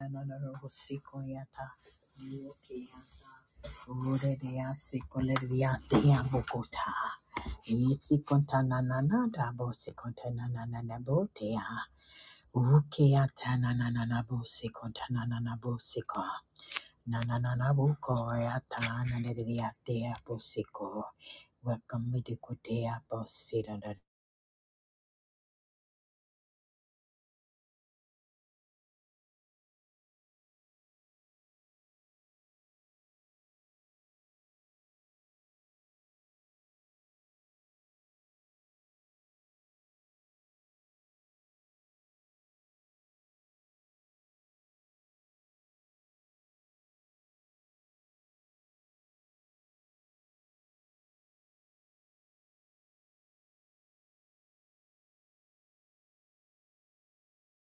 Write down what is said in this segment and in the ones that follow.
Welcome, Medikotea Bosida.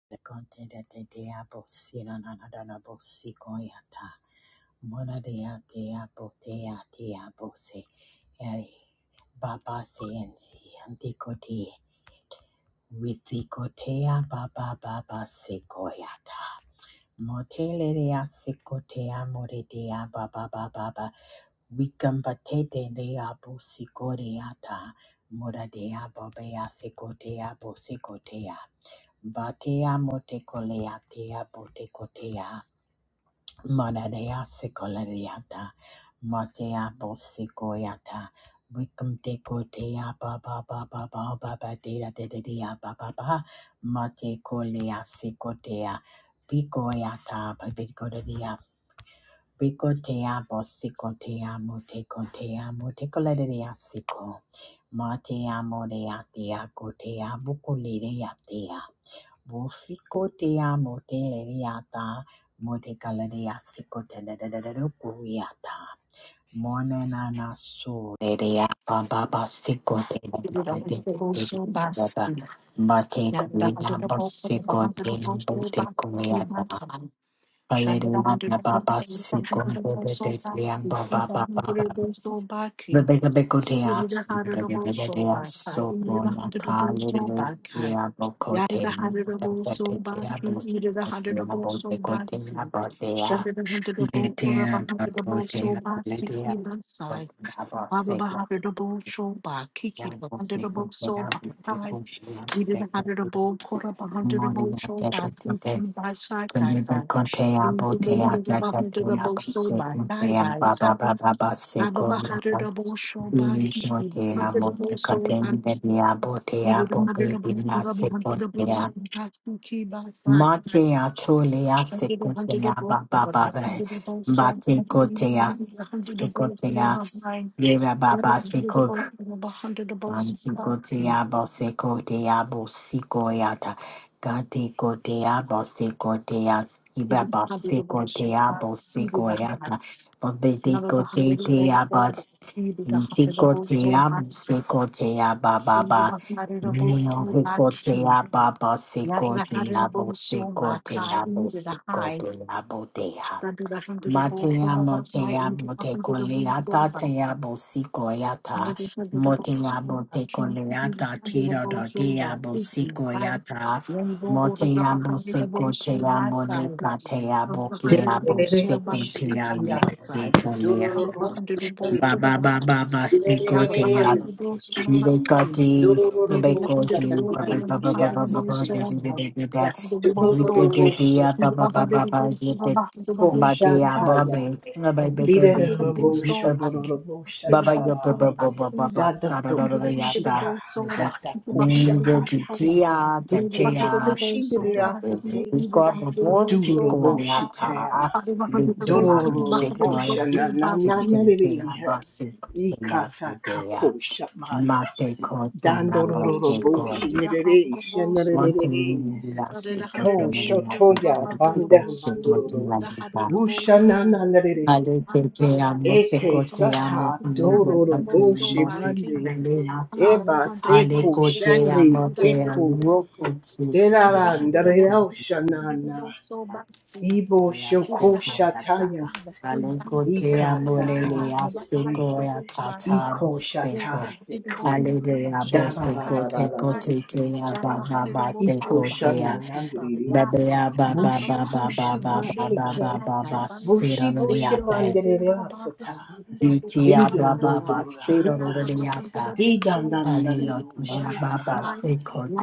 The content that they diabosina nanadabosicoyata. Mona dea diabo dea diabose. Baba sen anticote. Withicotea baba baba secoyata. Motele dea secotea more dea baba baba baba. Wikambate de diabo sicoreata. Mora dea bobea secotea bosecotea. Batea mote motecolea tea botecotea, Manadea secolariata, Matea bosecoiata, Wicum decotea baba baba baba badea de dea dedea baba ba, mate Matecolea secotea, Bicoiata babicodia, Bicotea bosecotea motecotea motecolaria seco, Matea moreatea cotea buculirea Bosiko te amo te lereata, mote kalerea siko te lereata. Mone na na su lereata baba siko te Shandra lereata. Mate kuleya hundred of both for a bosiko hundred te of both mbote kuleata. Kalerea baba siko te lereata baba baba. Rebecca Beko Teas, Rebecca Teas, so Bronya Kali, Diabo Cote, Diabo, Diabo Beko Diabo Dea, Detea, Tato, so Dea, by Kule Dea, sixty by side. Diabo Seko, Abba-ba-ha-da-da-bo, shoba, kiki, Diabo ba-ha-da-da-bo, Seko, soba, Diabo hi. Beko, We Diabo did a hundred of Beko, bold, caught up a hundred of Morning, bold, show by Diabo kiki, by side, guy, Bate by. And the bold, bold, a hundred of bold, so by, guy, by, side. Abba-ba-ha-da-da-bo, shoba, kiki, a hundred of bold, so by, kiki. We did a hundred of bold, caught up a hundred of bold, so by kiki, by side. And did a hundred of bold, caught up a hundred of bold, so by kiki. We kotea, did a hundred of bold, sekotea, caught up yeva Yet baba sekog. Mansiko te abo seko te abo siko yata. Gate ko te abo seko te as. Ibaba seko te abo seko yata. Bobe te ko te te abo. Ntiko te abo seko te ababa. Neo heko te ababa seko te abo seko te abo seko te abo te Matea motea bote coleata tea bosicoyata. Hundred Motea bote coleata tiro dodea bosicoyata. Motea boseco tea moleca tea bokea boseco tea lecoleata. Baba baba basico Liberty, tobacco, you, ba- ba- ba- ba- ba- ba- ba- ba- da- da- da- da- da- da. Ye- da- da- da- ya, ba- ba- ba- Dikiki ba- ba, ye- da- ba- da- ya, ba- ba. Ba- ba- ba- ba- da- da- Thank ti- ya, kushi de yasate, Si- ko- bo- bo- si- duro boshi tea. Dororo na na na na re si- ikasa kako shabaya Mate kote na dandororo bose boshi kote. nerere Once a shanarere living glass, but the siko lady la shotoya banda bose kote mandororo la bita. wusha na nanarere Ale teke amo se eke kote amo sata te lebo dororo kate boshi amo te mande alele asa. eba Ale seko kote shande amo te eko amo you. kote te Send it a derara amo hundred te ndarera double. kote. shana Hundred na, double. So bossy. ibo Yendo Lea shoko sequoia ta, shataya Hallelujah, Ika saka Molelea, seke. Sukoya, Tata, Iko shata Seko. seku. Hallelujah, Da la la Boseko, la la la Teko, la. Tekea, Baba, Iko Baseko, Tea, shana nandiri. Babea, Baba, Bushi Baba, hushi Baba, baseke. Baba, Baba, Bushi bushi Basironiata, bandere asata. Gitia, Dido do Baba, do randa. Basironiata. Didan dandari Hallelujah, Baba, shata.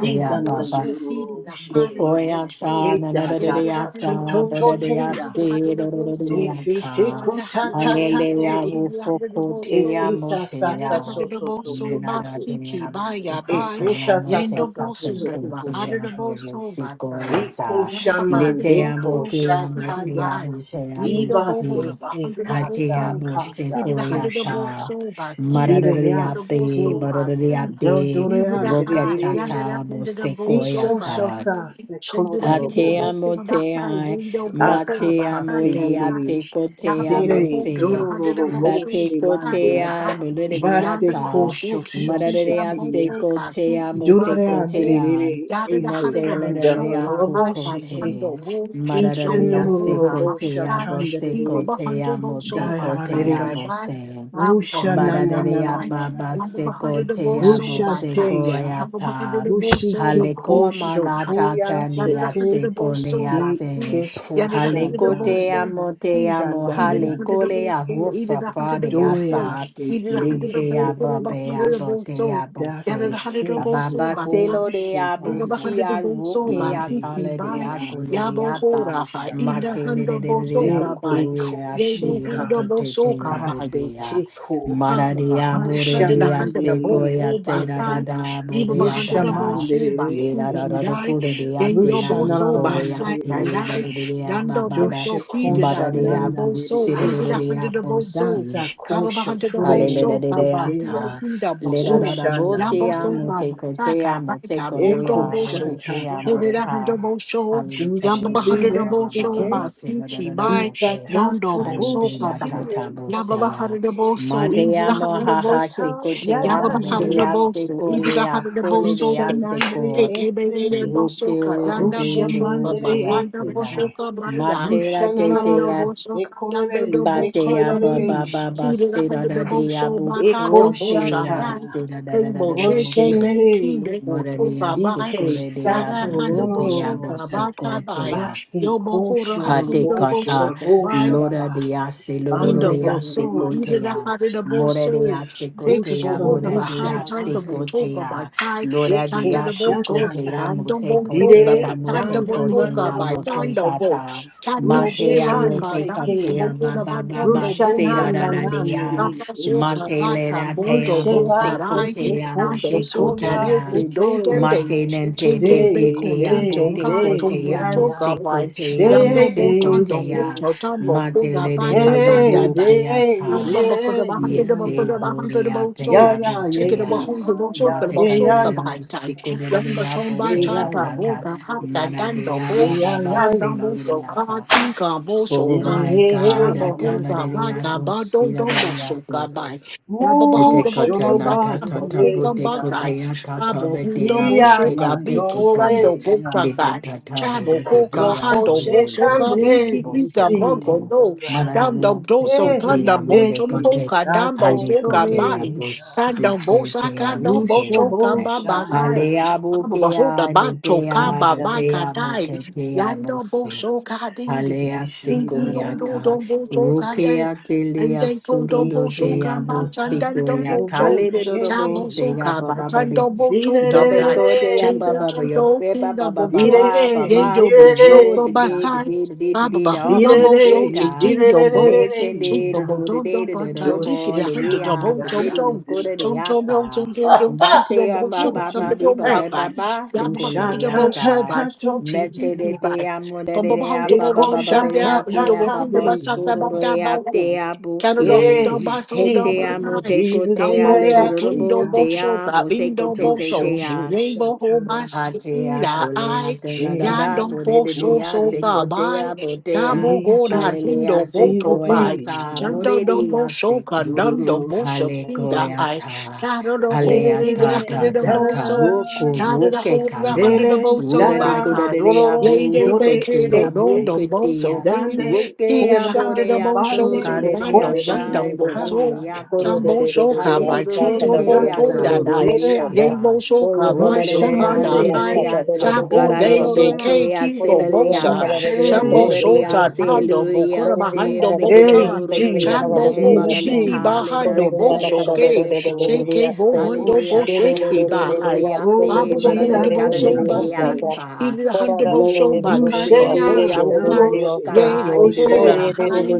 Didan dandari shike. Sequoiata, Eta Yeri ta the ta hand nanadadiata, of to the to bone to soul, bodadea, te keep ya. the hand of the bone De soul, se te sedadadiaka. carry ko the hand ta of the ta bone ta soul, Alleluia, te. keep the hand of the bone ufocotea, soul, Esse sa sa Yeri the sa hand motea. of so the so bone so soul, so so so. Basiki, Menadadea, Baya, Bay, Esse musicotea, sa sa sa Yendo so moteca, so Bosu, so tentia, hu Reba, hu hand of the bone shataya. soul, Batan, Eko sequoiata. Yaba hand of shaman the bone Letea, deko soul, botea, Basiki, shataya. motea, Bay, motea, Yendo Iba Bohora, se musi. hand of the bone Atea, kasa soul, keep kasa the hand of the bone musequoiata. kushika. soul, Batu, hand of the Vidayasi bone Maradadiate, soul, te. Batu. Do do bodadiate, le Even the high, yonder that rocatata, under the bow Si so so by so musequoiata. sa coming, se shindu the hand of the Ate kolorobo. bow thing amo on te the high, ai, window bow over Aka bate by amo side kasi can li buy, ate nirere. ko te yonder bow amo Dere se, over the dororo hundred of bow bo so bate the ko high te shibande. can buy, ai, bolere di yonder Base the bow ata, so kosho can marare keep di them bow ate shoshetiria. so ko can te keep me amo te Durare ko bando te bow, ai, andrere yonder the na ese hundred te of bow lere di so can ato buy kandarabo ko and te, sheke. bando bow, Ise marare di jumbo hold ate on ko my nororobo te side, amo se people ko shatandere. behind te the bow amo te so ko by kai te Dayarare. can amo buy, se. I'm Rusha na beholden Marare na that na na side. na na na. babá Number se na. ko hundred of te all soul amo Rusha by se patch. teya. Number ko hundred of all soul by Rushiki Haleko kosho manata patch. toya Number tania hundred shete of all seko soul lea by de se. ke patch. Number kosha hundred Haleko of all te daya. soul by amo te patch. amo Eat it a hundred haleko of all Shandandandere. lea soul. Eat rufa it a hundred of fade all soul. Doya asa. Eat it a seke. hundred of Lete all soul. abo About Ese be hundred ke. of abo all te soul. abo Get Dase it se. a hundred of all kese soul Ababa by selo de patch. abo Number shivanda si hundred a of all soul roke by mande fifty atale de by dera akole de Yabo andorobo ata. hora ha, shaka ida Mate le de handa de bo de de soka bai, akore eko yabo ase da shika handa te bo te te soka abo bai, base bea. keko Mara Haba de bahai abo re shanda da de handa da ase mandere bo koya ko te ba da da eke gai da abo iba de ba rusha da da bo da. so mandere ba Le si da da ki da eke da dai ko da de ya yendo na rusha bo buko so narara ba ya mandere sai ka te da eke dai da da de ya ba yando ba bo ba. doshe so ki de Ba da kosha da de handa ya da bo bu nandere so si da i da de da da eke de handa ya da bu bo so si. dasa kaba ba kosha handa da ture bo Hallelujah. so ba ba sekeya mai kin da bo Leda da so da usha yan bo botea so ba ba muteko nandere sa ka tea ba ka muteko bo do Eko lea bo so shata bodetea i ta ta de da handa mudeka. ta. bo so dushi yan ba she ba Hallelujah. handa da Baba bo so baba baba ba si sega da ki da da bai bote. Isata yondo bo toto so ka Hallelujah. shikirie Tata isata. bosea. Yababaharadaboso, Madea Isisi mohaha Idilaharadaboso, sata sekotea yadandre madea Yababaharadaboso, esike. sekolea Idilaharadaboso, Rusha koledea nandre seko. KKBD esike. Bosoka, Roke do Randa Rusha de Bosoka, do mandre sea Banda esike. fela. Bosoka, Brian, Rusha Randa nanarama Matela Bosoka, Danda sekolere Batea ba ba sekolere. ba Bosoka, ba seda da dea Idilaharadaboso, bu Eko Bakanda Bosha, crutia Dan, shataya. seda da da da Kimbo da da Shake, buke. Banky, Rusha De Moralia Bosoka, Bai, sico Ike de dea sato Yara bu Handa pepea bu Bosoka, lololota Baka sico Bai, basi Yobo Hora kosho Kate Bakunda dolbosho kata Bosoka, Bai, dolbosho lora raba de ase in lororo the bande de ase bande boso, either mandara that kotea part of busha the more kaya de boso, ase take it busho kotea behold of mora a de dolbosha high time raba ase the siki botoka by kotea time, lora time de the ike ase botoka, shataya kotea time the mote botoka, kotea by didere time the dan mote dan dan botoka, kotea by time mote the dolbosha ta bo, kata time the rushe matea van bosoka, mote time the seke kotea ba botoka, by ba ba time ba the rusha se na da botoka, da na da time de na ya nere the soka, ike mate by le time da tea bonto bo rushe ba se bokarai, seke kotea time the kosho mote soka, toya kotea reke, don't them setoya be, Mate nente te chinke be te Day, te a day, condento, te kai, ko day, te a yeah, yeah. muse Tomotoka, ko by te a Yando Day, muse bo ko day, chando te bo day, a yeah, chao yeah. tambo bo mate da le le ba le ta le le ba da Day, bu ba. ke a day, day, And ta ba ba ko da ba han da yeah, ba ko yese yeah. da ba han da buri a ba te so. Yeah, se yeah, buse Take yeah, it about a home to yeah, the so to yeah, yeah, mate the ka le so le yeah, ka le ba yeah. ta. muse ko le le Yan le le ba a chong ba Yeah, ke cha a yeah, yeah, ka ta yeah, ta bo ka yeah. ha da mana dan de do a Yeah, bo. ba ba yeah, ba yeah, Kan yeah. se dang lo bo le so a ka tin ka bo so Oh Day, day, ka. my Sha God, a day, bo ta yeah, ho le ka le le ba yeah. a ka bu ba si do le do le bo le so te. ka ba. Ya ba ba hong Ooh, da bo Hedekota shono chong ba nanta ka bo ban, tata ko day, ba bude ba yeah. ka. kote ya Ka tata bo ho bete da ya bo so Yeah, bude ka yeah, bi kote ki kote yo, kan ya do bo yeah. cha ka. lite tata Chabo bude koka dete ya Doko hando kule de boso kule shekande, de kabi ya bose kita kote bongo ya do Jesus. mararele dando ya si doso kote kanda ya mole bocho Eseke kote boka dambo hali soka kote ya bai satotolea, bose kanda bosa kote ya kanda mole ya bocho se baba ushoboshaya, sai hali ya abu buke bahota ya bude bacho ya kaba bai bude ya kadai buke te ya yando rishandandandandandanda, bose boso kadidi Alea bibi do do sequoiata, do boso kadai Rukea rishandandandandandandanda, and telea then to do sorodo ike boso de abo kaba sata chandan do dobo sequoiata, boso Ledodobo, chabo shebeya, soka bai chando bocho kabai Rebecca day ba chendo direrereya, ba ba ya chendo ba ba pinda ba ba ba bocho ba direre, ba ba Yeyo bo say no shoko direreya, today basai. today today Baba today the all bahunda bo direre, so buffet time chitin do bo. let today Chico to direrereya, bo do the don day don to bo do the tan tiki doshe more de hunter do lilia bo tom today let tom. it go to the Tom tom kandandandandandandanda, yom asa tom tom yom sinti bate do ya bo ba shoba Oh, ba tom ba bo Jesus, tom ba ba thank you. ba rabai. ba the Oh, Baba kole sha bahunda de do ta bo ta so ata by ta to sinti to mete de tiki ya. de by. amo de de Bamba de bahunda ba bo ba Iseko ba tom ba ba sha dam de ta down, ta ate Indo bo ta ba hunde ba de ya basata suru ba ya. da de ba wo. ate Canada abuke hold down Hey, by so down Hete by amo Jesus, te time. ko Jesus, te Down a Jesus, bo le do I so. do do King bo see do te bo a God. so. That te being ko do te Do bo te te so. show bo a. sha Rainbow ta hold my seat. ya. Atea kolea tena dada De Yandon bodede do poso dea so ka seko she. bai. tea botea Yabo Hey, goda hallelujah tindo Jesus, Jesus, boto seko bai. Jesus. ta Jando bodede ya dombo so ka Do seko do do nando do. boso She ke finda halekoya ya. hai. ta Kado do De de ho halea de di ta da de. ta hundred of Da ta da ta da boso. roko da. Kado da roke ho di da kalea hundred of Dere boso ruda de bai da koda tai. de dea dororo Yay day boroko dore bakado tea don eke don broke tea boso fin. dande Kida Thank rokea da kosha hundred of bodea boso bande sole ka de dea nando koshi nando tai bodore boso. kasaya yato Jambo so ka bai hallelujah ike tindo rokea boto yasan da soro dai. rodea dere Yay boso ka bai so rushamande da hai. hese Rolalerealereata, Chaponde se koshora ke garararabokea, kiko bosa, selereata, usherere shambo rorerea, shota yarana. pando selerea, bokora bahando bocha, Hey Jesus, chambo bo Jesus, shiki serarigibedorororeata, Jesus, de bahando bosho ke, ekoshataya selelekolereko. sheke you. bohondo bo Hallelujah, Yes, yes, ushayaya. sheki bahai, Oh sedorororeate, babo bohondo Jesus, bo so basi, yandere. maradarekadarekeasa. ili hando bo so Wo- bakaka Wooshaya, reke, bosho ya kai, woshe, ya aboborororaka, yero didididia, hora woshe. hai,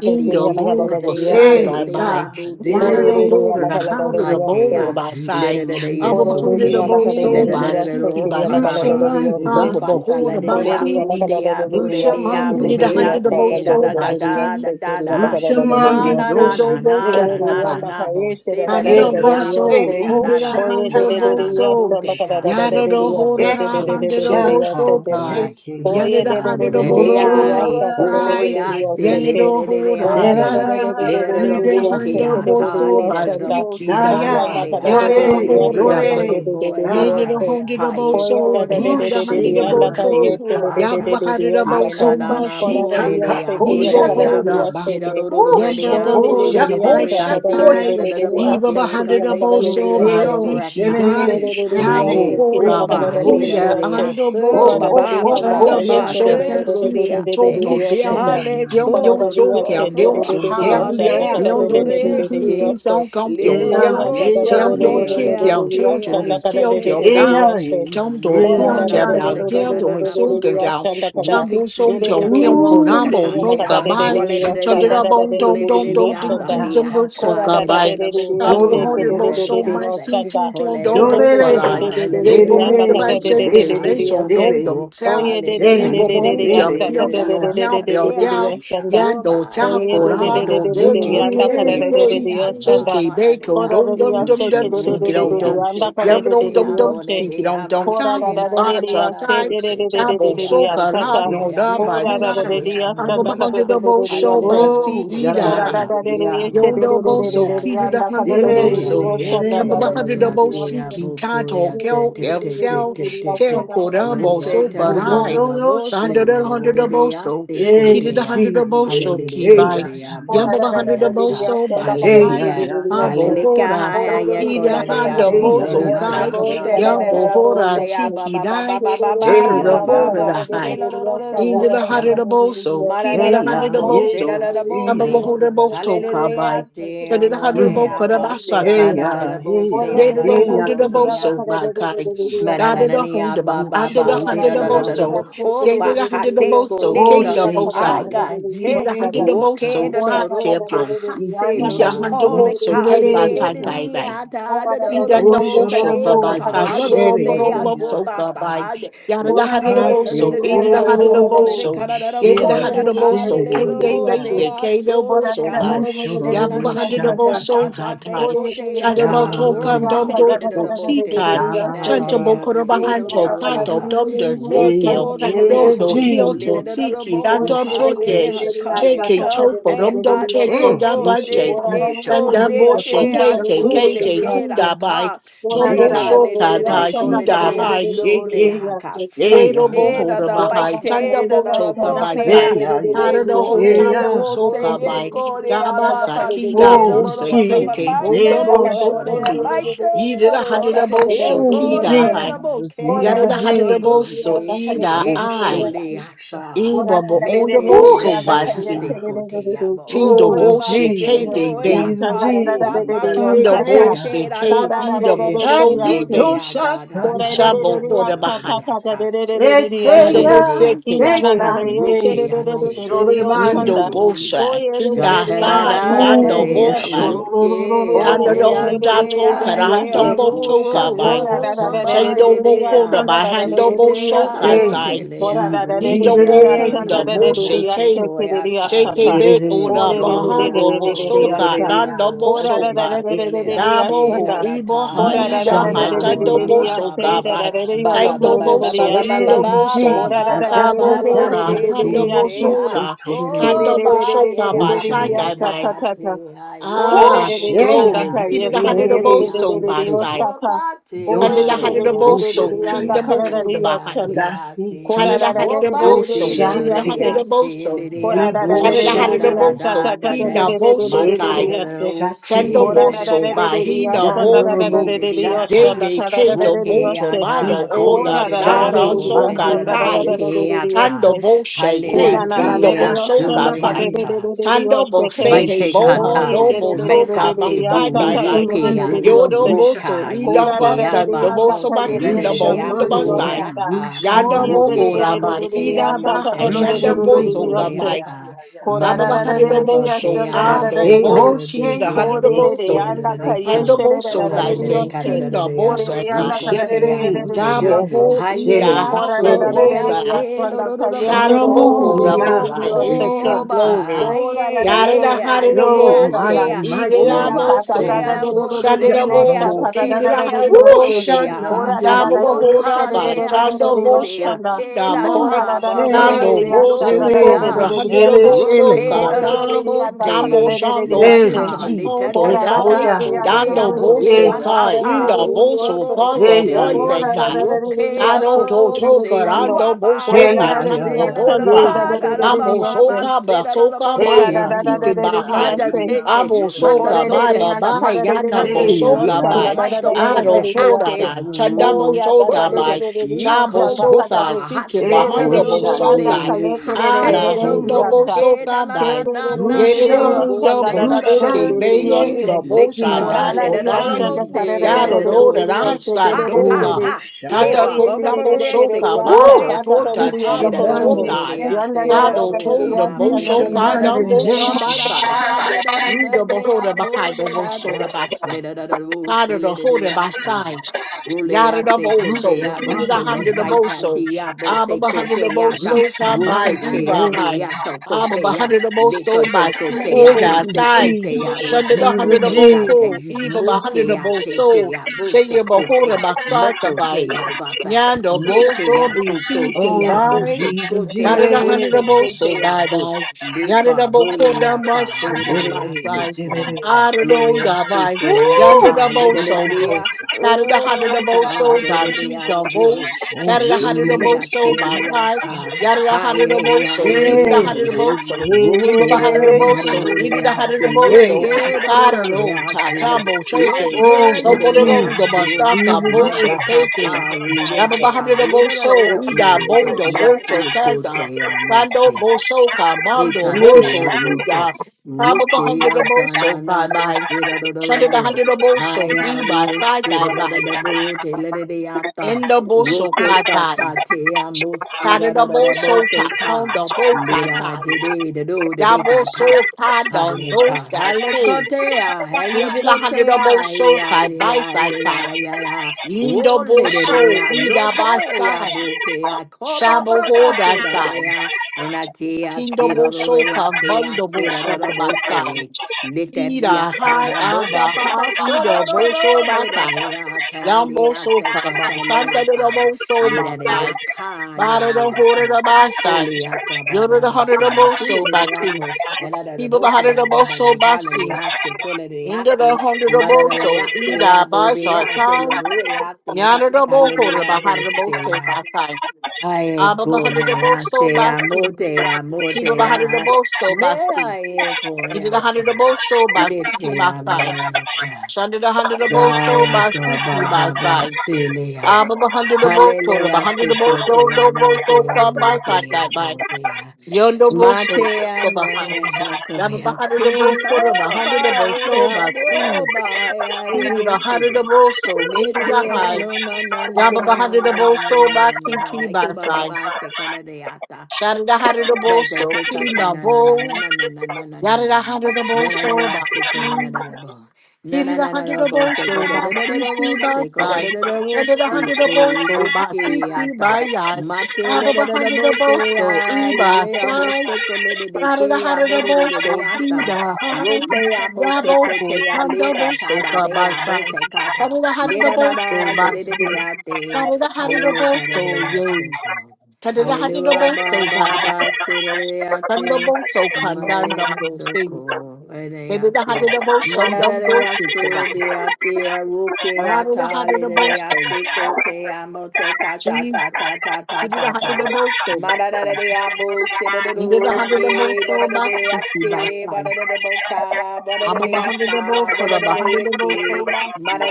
in the border, the yekotea, side by Hey, by, motea, God, did water bokea. the it border, say the ya? house the border Atea, by Rushe side, mande, abba beholder the rushe Ledadeyesoke, bow be, soul by seeky by rushe side, Ledadadadorokata, mande humble Rufasa beholder baseke by ya, sea, Ladiabu you Diabu Diabu need a hundred the bow Bease, da soul da da by da sea, da da da, he leaned in Mana na yes. the na bow na Ore shack na ya. na by. na Oreruyanda na, paeshe da da Boseda da da da da da Eka Diabo, se Handoboso, diyose. Seda da da, Idira Oye de de koshata, de Mena de na na diyose Handoboso, da da da da Boteca, da de de Yarado diyose Libiabo, de de Horada Sea de eko de de de Dea, diyose Handoboso shaka de. Kai, Ya. seke, Oye Yanida de Ibotea de de de de de de Handoboso moredea, diyose da de de de Kasai, de oya diyose se dolorolande. le de de. Yanido de de Hora Ora da de da da Hai, da da da da da de Nida diyose Lirararaboke de diose de de Da-da-da-da-da-da-da-da-da. ata, de Handoboso diyose da. Basiki lirararabose Dai, Oyanda da Daya, da kale da da da Yarado akale dole, de diyose de Horada de dole, de ase Bahai, de de de koe a, Yanido diyose. sataya, haye Oya Hondoboso, da da kore da da Kidida da da rushe ase diyanda paeshe Handoboso, de masika, ruhu de de de Yabba ata. de diyose da. Lena Handoboso na na Ora bore da akukushika Basiki, de diyose agule kiriyana Nido da de da kakoshataya, abo Hora diyose sira Bai, de. rororore de Yanda ushoko abo le de Bohora de shako Bai de shako ate Sai da da da da shokua, Iba boke bahanda da kale ko boso ba ba ba ba iseo siki dai shere yabo sensei Haye ko hora sensei ba ba le da da ida hosha, de ando ase ba boso ba ba ba okoko chanda ba boso se kan shataya, ro de siki ate. toto rushe biang na Hale na jiang na na, biang koro so ro kiang liang so roka kiang le hallelujah, I ro ro liang ro zhong qi say, qi Dios, xi reke xiao gang le Yeah, biang ro ro yeah, jiang Oya ro da da da yeah, yeah, jiang so da da biang da da yeah, le qi da da da kiang ate jiang yasta zhong li ai da da da xiao da kore da yeah, jiao da da dao yeah, yasta. yeah, Trong đồ Kora kiêu yeah, da da chè yeah, da da bèo Ananabose, yeah. da da gieo da rồi mình da da xuống da da cần kananabose, chào yasta da da da. Sang bố xuống Ere ruficity chồng da da da kiêu kata, cổ yasta Ooh, nam bổ kiri da da trâu da ruficatate, cả da da shikaya, bài da volede Cho yasta de tới da ra shike, da da aso, bông da da trông colede da da trông de trông yasta trinh shita, da. ata, trinh da, de chân bớt da, da. sổ Kora cả da acale, da bài de lede de la de de ya boke, se ke Abrahone de de abode de de Mosho de de my ya Doloreande, asse, sanda. Sinti Don Ele holea Dombo ke de dolere, de Parai. de gata, de de de de ya lelelea Yebohon nda the ka dele, by da de de de de Shante, de they dele, de ya so turbiatalia, se. dom dom dele, Oye town. rocale de de de de de de dele, de de Ebohon asse, ya jump sta ta dele, him, de da, de so de da, now de do, bedediata, de de de bell de do, de ya down. beai, shika. sanda. Yan do uba, tap Oye for the de de de hard Aya, de ecolea, old de de e, dead de to baba, e, ya nda get ka da a bose, de e, de de day. de ya Jesus. Shake coleata, sanda. a bacon, Kora de dom de dom ya manadiate. Do, se dom ke sho, dom, de de do, seek de it Ole de sho, on de de de do, dom. ya nda ase ka de shata. Yum de de dom de kote dom de ya dom, se. amore seek it de on dom Kora da time. abuse da You na de de na are de na ya to na se time. de de bose de de de de Tabo kote de de ya shoka, sta abose ta. no koya Ese da by Kora da tatana da side. de de de ya I'm koshantaya. sanda a abute ka de hundred a de de double de de ya show se. by halele Oh, bote sea. Yes, koya te Jalayandriyanda. amune kune Yodoboso, Peter ate the Hundred Dele, mora Oboso, de ase dele, Kamba Hundred de dele. ate Obosi, abu koya Kintato, te Kel, te El te te Sal, te te te Tel Coramo, Deya, uke So ta no, na na no, na Parai, no, na no, the bose Hundred the lore de Hundred sheya. de de Oboso, ate Peter Hey, the kote a Hundred Oboso, halele jive, de hey, kona ya, Kibai, de ya, ya, Yamba abuse ya, Hundred ya. ata Oboso, by Hey, Fly, ya, Hallelujah. ya, ya, ya, Mabo ya, Hora, ya. Hallelujah, Saida Gora de Honda Abo, Hey, se ya, na Boso ya, na, na ya, Kai, Bo, ya, Tele, ya, ya, Yambo Nana, Bo, Hora, ya. Te, Abba, Tiki Ba, Ba, Ba, Dai, Ba, Ba, Hey, Tara Ba, ya, the Ba, Ba, ya, Hora ya, Ba, the ya, ya, High. Selo, ya, Do, Do, Do, Into Do, the ya. heart of Te, the boso, ma key Da, to Da, the da Hey, heart ya, Do, of the Oh, Bo, hey, ya, Sena, boso. Da, Da, da Bo, hey, ya, Te, ya, Abalahorabo ya, ya, Tokabai. Hallelujah, ya. Te, Amone, Tadadahadarabo Mm. Abba, Sena, Hey Da, Da, Da, Da, Karabasakabai. ya, da Bo, hey ya, Sena, Da, Yadada Da, Da, hey da ya, Bo, ya, Te, Hondadabo ya ya, So ya, by ya, Kai. hey, ya. Dadada Mananania Hondaba. ba ba Husha, ba Andada si da husha, da da Hundadabo ha da da ya. So. bo o ba Yadada ha te Hundadabo ko So. Oh, leka Kingda sheka Bosa. I ya, got ye He did te a he hundred of o both keka so da ya. da da I do pa champion. ha se Isi He's lo a da hundred ya, of ko le both isi so ka re Kai le re by de Kai de ya. di Kai a ta da da da Oh, bo Idandambo ta soka shororobo, le ko by ta do Sabadom shere te a Borombo ya ko pa ya. soka by ta de Yada, the the the o Hadid of la de Hase de Boso, de Yedi de a so korororobo, le de ka da da da the shere, wo ka Hadid of ta le shere Boso, de King da ya Day bo da. te Basic, a Kano so le Boso ka by Hoosha, ne na Yabu the na Hadid of na da shanta da Indandomboso ba kabai, saiblodomboromboso kabai, yadadahadadaboso, idadahadadaboso, yadadahadadaboso, kendebese, kendoboso bai, yabahadadaboso ta, te dadai, ko te Oh, a ta tadaboto bo ka kandomdo, le de de da bo te otikan, Da da da da da da Natea dee, chantobokorabahanto, ha, ka, kanto, ka. sedororea. domda, Eh, sergio, Wofororea Yeah, doso, kyoto, Jesus, tiki, eh, sekoledadadadamo. dandom kusha Hale toke, kusha hakale. kusha cheke, ka. Come chopo, and romdom, ate Mm, eh, pote she cheko, de kusha Chanda kusha Boshe colete kusha Kate atso kusha de Kate ka. Hinda Bai kerata. Tombo Neta Diddy, le le le Shoka le oh le Dai she cole le Hinda le cool, Hai le shaky. haka. Yeah, Fight Yero yeah, yeah, it on hoda the bite yeah, Bahai Chanda it bo on toka Bai yeah, yeah, Tai yeah, yeah, Tada the whole Nicole yeah, yeah, de la Tambo yeah. Soka Mose, Bai Ecole, Gaba Ababa, Sakida Sero, Oh, no, no, Bose Papa, Keke Jesus, eh, Oh, Pike, Bondumbo no, no, Zoka de Bi Hoshaya. Pike, Yida no, the no, Hadida no, Bosho Oh, Ecole Kida de Hai la Jesus, Moke, da, Yada Jesus, the da, da, da, Hadida Jesus. Boso Mote, Ida Ekusha, I Ecole, kusha. Asa, Iba Bo Ondabo Metele de So de Usha. Basi Aseco, te amo, oh, Tindo Oh, Baba, Boshe Jesus, Kate Selo, Bay Jesus, Ata, you are Jesus. Papa, Kindo Pata, Ateteya. te, Bose, da, da, K da, Ida te, Boshoke Lote, Bay, Aga, da, da, Atitoshataya. de Shabo Hoda Aselo, Bahan, de Ata. Kundo Eteya Hallelujah. Boseke, Say, Tom, Ruke sekande. ate de te te Nindo Osholemande. abuke. Bosha, Kinda Gatada Sai, da Lando Ooh, de yeah, Bokai, ruke Ora Tanda do ase shololololololo. Honda ase Toka, aye abu Handumbo Ekusha, Toka wo ta, by wo ta, wo ta. mama de Shando de Bokoda a by Hando lete a Boshoka Hey, motele a Jesus, Dido Jesus, ruke Do do do do do a do na yes, bohunda na bo na bo Senhor. se shake ko ya ta le shake de de be de Derere, oda de de de da da bahando da bo dororo, bo de da soka da da nando dororerera, bo bo dadere, soka matele eke. da Dabo te da ho da ibo ta ha le a ida se ha ko tando ba Wushabande bo ba ba ba soka ba by vaseka. Ba ba ba tando ba bo ba ba so ba ba ba indo Hey, bo ba so ba ba Jesus, ba ta Kabo ba ta ba ta hora ta, se hando te bo te tore, ah sora chotorere, kando oh bo ba soka ye by ah side bo wushaya. ye by ah ah Oh, de ye de ah ah de de de bo se yanda glory Hosea, ah ka, yes, kida ye de de ko hundred de de bo de de Serere, de ah de so de te de by Ete, side oh yoshaka. ba te Oh, Kanda the ye ah de Dosho, de ye hundred de de ah bo de se de so de le yanda tinda Boshataya, ah ka bo da da bo de huda ke ah behind le yoshanda. ah te Chana Kora Dasike, da Charada da da de oh Hadida de de ba de de de se Boso, lo de de ro tinda re da Tindida de ah Doshate. Hadida yase. se le Boso, de ah Kora da da Debo bo de chana de da Charada de de da de Hadida de da da Shataya, yasa da Boso, ta ta da ta da de Kina de de de ma de Boso de te de le de Kai, de Eko yase. ro Tendo se le Kora Shatire, de da de da de Boso, de ah de de de te Bahina bo do yasanda bo, da da kri da de Dandorobo de de de de ah Day ta Shata, yoshanda day ka da da da kato de Roke de boto yoshe. bado anda te te Eko oda Kora de da da de da de dara de Shade abo de se da soka da Bande yasanda da da da da time. de de boke Seko, de de ata Tando yase. bo she halera Koda came na na bindo ne te bo di Esatata soka oshanda ta de asuya by. de de Turea, de de di Tando bo oshe tere. sehe Baite bo kata Oye hondo de Rushamande, de bo de de ha. de de soka de by di mekate tie ashta die ta de by. de de de burukia de di Rushamande, Yodo oshe. bo so ruka Rushataya, ida Koda da ban da yitea de di tando bo anda babo so ta ye sela bakin de de da de de bo de de de undo de ba di sai. oshta Rushamande, ta. aburata Yanda Oye bo de de de Rushamande, rukea hora de ya. de de by de di motea ida ashta ba ta de hai de de litea de shanda de bo de bose de di soka oshe. Rushamande, by. ya ya koyata ya. La Koda ba da ba da da hundred de mananana de obo di so botea ashanda da da da da mote Rase de de. adobo babo de cheated a Hoshe bia hundred Ko de Kode obo de de buse so de Eke anda de ka de ye cool Santa she handobo de da so da da by de di hallelujah saying Dororo kada oshe. king de da de bo Ko de Dios te. Kode de abose anda sakai ta da de de kotea de de de Ushere de di motea jabo oshe. Shere ho ida Halea Shere Ora da hana da da da Shere bo da tolea da te lo sanda lo lo ka lo bo. yeshe da da da da da Sharabohora da da Oh, da da Uyarande seke. oh, Bahai ba, glory. Kasaka Ora da da ye, da da da Yarada ye, da da ah, da da ye, ya Oh, ah, Harirabo sanda. mighty so ah. mighty yeah, Oh, Sila yeah, ba, Edirabo ta ta ta so Yasi ta zea da da Oh God wo, da da da da se, help me ya le, Holy ah, sa Shadiraboho ta Ghost ta te, da da Kidira da da kalea da solea ya Ooh, Harirabo se. so Ora da Shanande, da da da yeah. yeshe Shababohora da da by da da da da Chando da ya Bosho sanda. te, Kinda da, by Ora Ooh, da da, da da ba, da da ba, da da Kando se, Shere ya sa lo, ta Boso da te, da Shere da Koro da the ah. da da Hundred ya of Shere nda. Shere Boso Roke, Ya da, Kore da da da yeah. da da do, Kadai da bo, nda ka da Dambo da te. da da da Shando ya Hey se. Tinta Leta, leta, Jesus ta, Pondo Ora ta, da da Dai da ta, da Ekoya bo, ya se Ya te, da ah, Dando da Ya Ya da bo, yeah, da te, yeah. ya Boso ah, nda yeah. ta, ka da Kai da da yeah. ta, da Inda da bo, da ya so, Boso do, se. do, do, Hey Pata ya Voice te. ya and ya Guy ya ya Roke ya la da Tado da Oh, ya. to da toka se you are rando bo by Hey the soka ya I ya tando say ya la da da hey boka. ba ya da da ya. ba Amo ba ba soka se ba da da da bo soka ba Hey te. ya yo sikike ya bahai. Mada yo ya Madazete, Abo yo soka re. bye Matasote, bye bye yana bo Masekale, Hey ya soka ya Yeko bye. ya hey Maitopo ya Ado eh, ya soda Ate ya. da chanda bo soka word, bye. Chabo Yeko soka Ropa, sike Hase Eko bahando bo shande re soka. Labote, re Ara Hate sete La hondo bo roke ya. na soka na na bye. na na Yero do na, Rushe hondo Bose bo La soke Rusha be Roque, yeah, shundo ye bo sa Leka Le Korala re da Jesus tando da da da bye. ashanda karara Jesus. bote, re re da re da Yaro re da re do da re da bote, ashte re re Ha re re re ha sandoka. Oh re. ha. O Yeah, Tanda shaya. ba ye ba re re ba konda ba re bo ba, re ba, re re se re shoka ko da da ashta Woo! bato ta da ta da, ta re tota re yanda taba kororo re. re. Hushabande sokai. Yanda da da heke. da Tado da re re tonda bo ashanda da shokai Hushabande dumbo heke. shabatai. Unda beholder behind the bo shoda basai. Tada the holder basai. Yada Gulea da seko boso, deabo kini da Rushamandi, seko handa da saita Eke. boso, tiabo abba ba seko handa da deata boso, come by Rushamandi, diva rukatea high, Eke. dea soko abba ba tea handa da da da da re leko boso, re. by teko C E teabo da oh sai, seko Jesus, teabo shunda da handa seko Jesus, da te date boko, Jesus, eva ba handa da mokea te boso, teabo shaya ba seko te hora ba sai ka by, meko nyanda Mete boso, a be te ko fifty te a oh bo by, se Jesus, ko yada a da bo handa se da Jesus, ko boso, a by bo. die, Le yada da ka bo boko le le da a ta baso, bo do come re by a Jere, se side, ko. Jere, I don't Gloria da by, seko ea yanda oh da ta le da da da da boso, Shoya, Carry the hundred Oh of most soul, God, e da down da to ya the bow. se. oh Carry the hundred of Rike a most soul te by le Shurushika, a five. ta. Yada the Hai hundred of ai most soul. Peter the hey, hundred of most soul. hey, Imba the Roke hey, hundred a of hey, no most do soul. do Eat re the hundred of Jesus, se. most Roke hey, soul. yeah, do yeah, do yeah. do re Carado, a te. tatambo, shaking. Lote le Oh, da da Tombodo, da the ya long the Jesus, so. basaka, Jesus, My bosho, Jesus, taking. gatata help me, Holy Yaba the Ghost. hundred rideata of most soul. Help me, Ida, lidadayatsi Holy Ghost. bondo, Sha, sa, bocho, nate sa, sa, kaza. sa, kote sa, sa. Bando, bosho, kabando, Oh, Ekate boso, shuru. amuse ida. Haba roke the hundred of most atana na Bye na Bye sira da da da Shada da bo hada da boso, liba hayabu side by sira da da by, da bo te le de de ata in the boso roke katai. kata te amuse da Shada da da da da bo boso te ta, ton ka da bo ta lira tai. de de de do de Da de boso kata ka don Haleka do ka sai hale te. kote a haye Shida da hundred kote da a boso ya kai by ya side tai. ya ya ya o Lindo de de de boso, ya ida by lote a side. buke ke a ko ba Shabo ba ho ba da sira side. de and I say, I Tindo say, la, la, la, boso I ka, say, I mundo say, la, la, boso la, ka by side. okay. Let that be Ida a time high, I know that aba Baba high, so no ido no boso no by let that side. be I tell you, Yambo I so say God kama, tell I kanda de ta robo so let my that be I guy, call let that bada be the I horror say of my side, fully I thought by yoda the Baba hundred say of now most surely so that by they I king, know and I the people the book hundred I of most Baba so they by call it sing, I say call it I into the say hundred of mother that most so, I say ida by be side I say no time, no I yana the bo horror hallelujah by hundred of most so say by five, Aye, abba the go come hundred of a most so te by amo, sing, te amo, people te the hundred of amo. most so Me by sing, I go into the hundred of most so by Me seeking te by amo, five, yata. shunned the hundred of most so Gaia, by seeking ba by ba ba, side. silia. I'm a hundred of both for a Hallelujah, hundred of seco both so te no amo, both so te amo, by side te by by amo, te amo. yondo both mate so te amo, behind. ya, he, I'm a coya, hundred of te. both for a Oh, hundred of both my, so by sea. amo, He did a my, hundred of both so into the Mete high. ano na na na Yaba na na hundred of na na na both na so na by na na sea na key like you by baba side. ba sekana de Shattered a hundred of Da both da so te ka in te the na na na na bow. na na na na na na na Yada na a hundred of na both na na so na by se ko na na sea. na na bo na na Heated a na na hundred na of bo both se ko so da by da da da da fifty bo by se ko da side. da da da bo Under the se hundred of both ko so by wiki fifty by ata yard. mate I'm le da a da da hundred bo of both te so a e ye by ye a bo side. se ko le de de Out of the ke a hundred bo of ro ro both ro de so be the ata rote high. a bo se Yabo ko who te a come le ka double ta so da far de by a bo side. se ka Out ta of the le hundred of da da both so da le by de de sea. de a te Out of the hundred of hallelujah both ka da de so a se yay. ko Cut of the hundred of Hallelujah, both ba so by ba ba, dumb. sedoriate, Thunderbolt so condemned not mararia go things. soko, They did a hundred ereate, of both so dumb mararia subiate, ruke Not in the hundred atale, of both lerea so seco te amote kata ta ta Jesus. ta ta He did a ta hundred ta, of both so Boston. mararia bo He did a hundred of both sedoruke, so Boston by barariate, flying. barariboca, I'm a hundred of both, barariata, a hundred of both so barariate, Boston.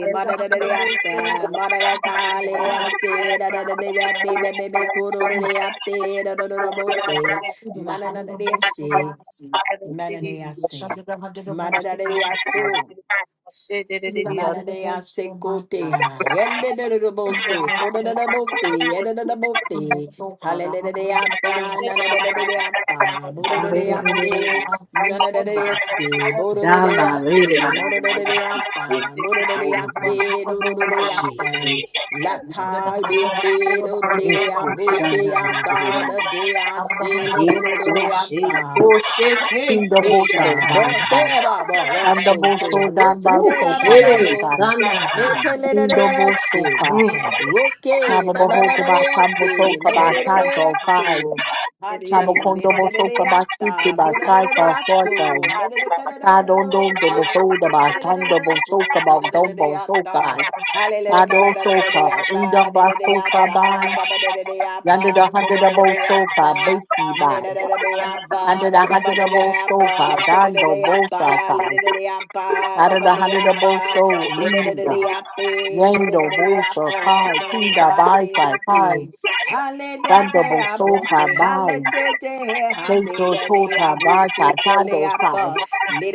I did a hundred of both so madadadadayapta, Boston. He did a hundred, madadakalayapti, dadadadayapti, bebebe Jesus. kurururiyapti, dadadadaboti, He did a hundred of both so mananadesi, Boston. mananayasi, a hundred of both so Boston. madadadayasu, He did a hundred of Manadea both so my God. secotea, eledabose, Wonderful so Boston. codadabote, Humble edadabote, so God, a hundred hallelujah, of both so nanadadadata, Da, da, da, da, da, Tabosoka da. budodease, by nanadadese, Da, la, le de la, bododeate, da, la, da, ya, si, ko. mododeata, Do, do, bo. mododease, She, ke. dododeata, Sa, sa, sa, lata sa. de E, dotea, ko, sha, na, na, da, da, da. bukeata, dease, De, ko, she, dododeata. ko, she, ke, ko, sha, Eka ta, bo ta. te ba ba rosso ke a rosa te Oh, da da she, da de, bo sa, na, na, me te yo. le da da da se Mm. roke na na na na da se no no no no da ko ha te le da da da da ta mo da da da da so me da da ka da da da da do Tando te hallelujah da da da, bo Bosoka by se da da da da Dombo ya, Soka. ta hallelujah ka Pado da da da da da ya, soka, ta da indamba da da ya, soka ta by, ba ba da da da ya, yonder the ba se da hundred of da da ba both ya, soka, ba. basty by, Hallelujah. under the hundred What? of both soka, dando bosa kai, under the hundred of both so, ina, yendo bosa kai, kinda by sai kai, dando bosoka by, kendo tota by, tachado tai,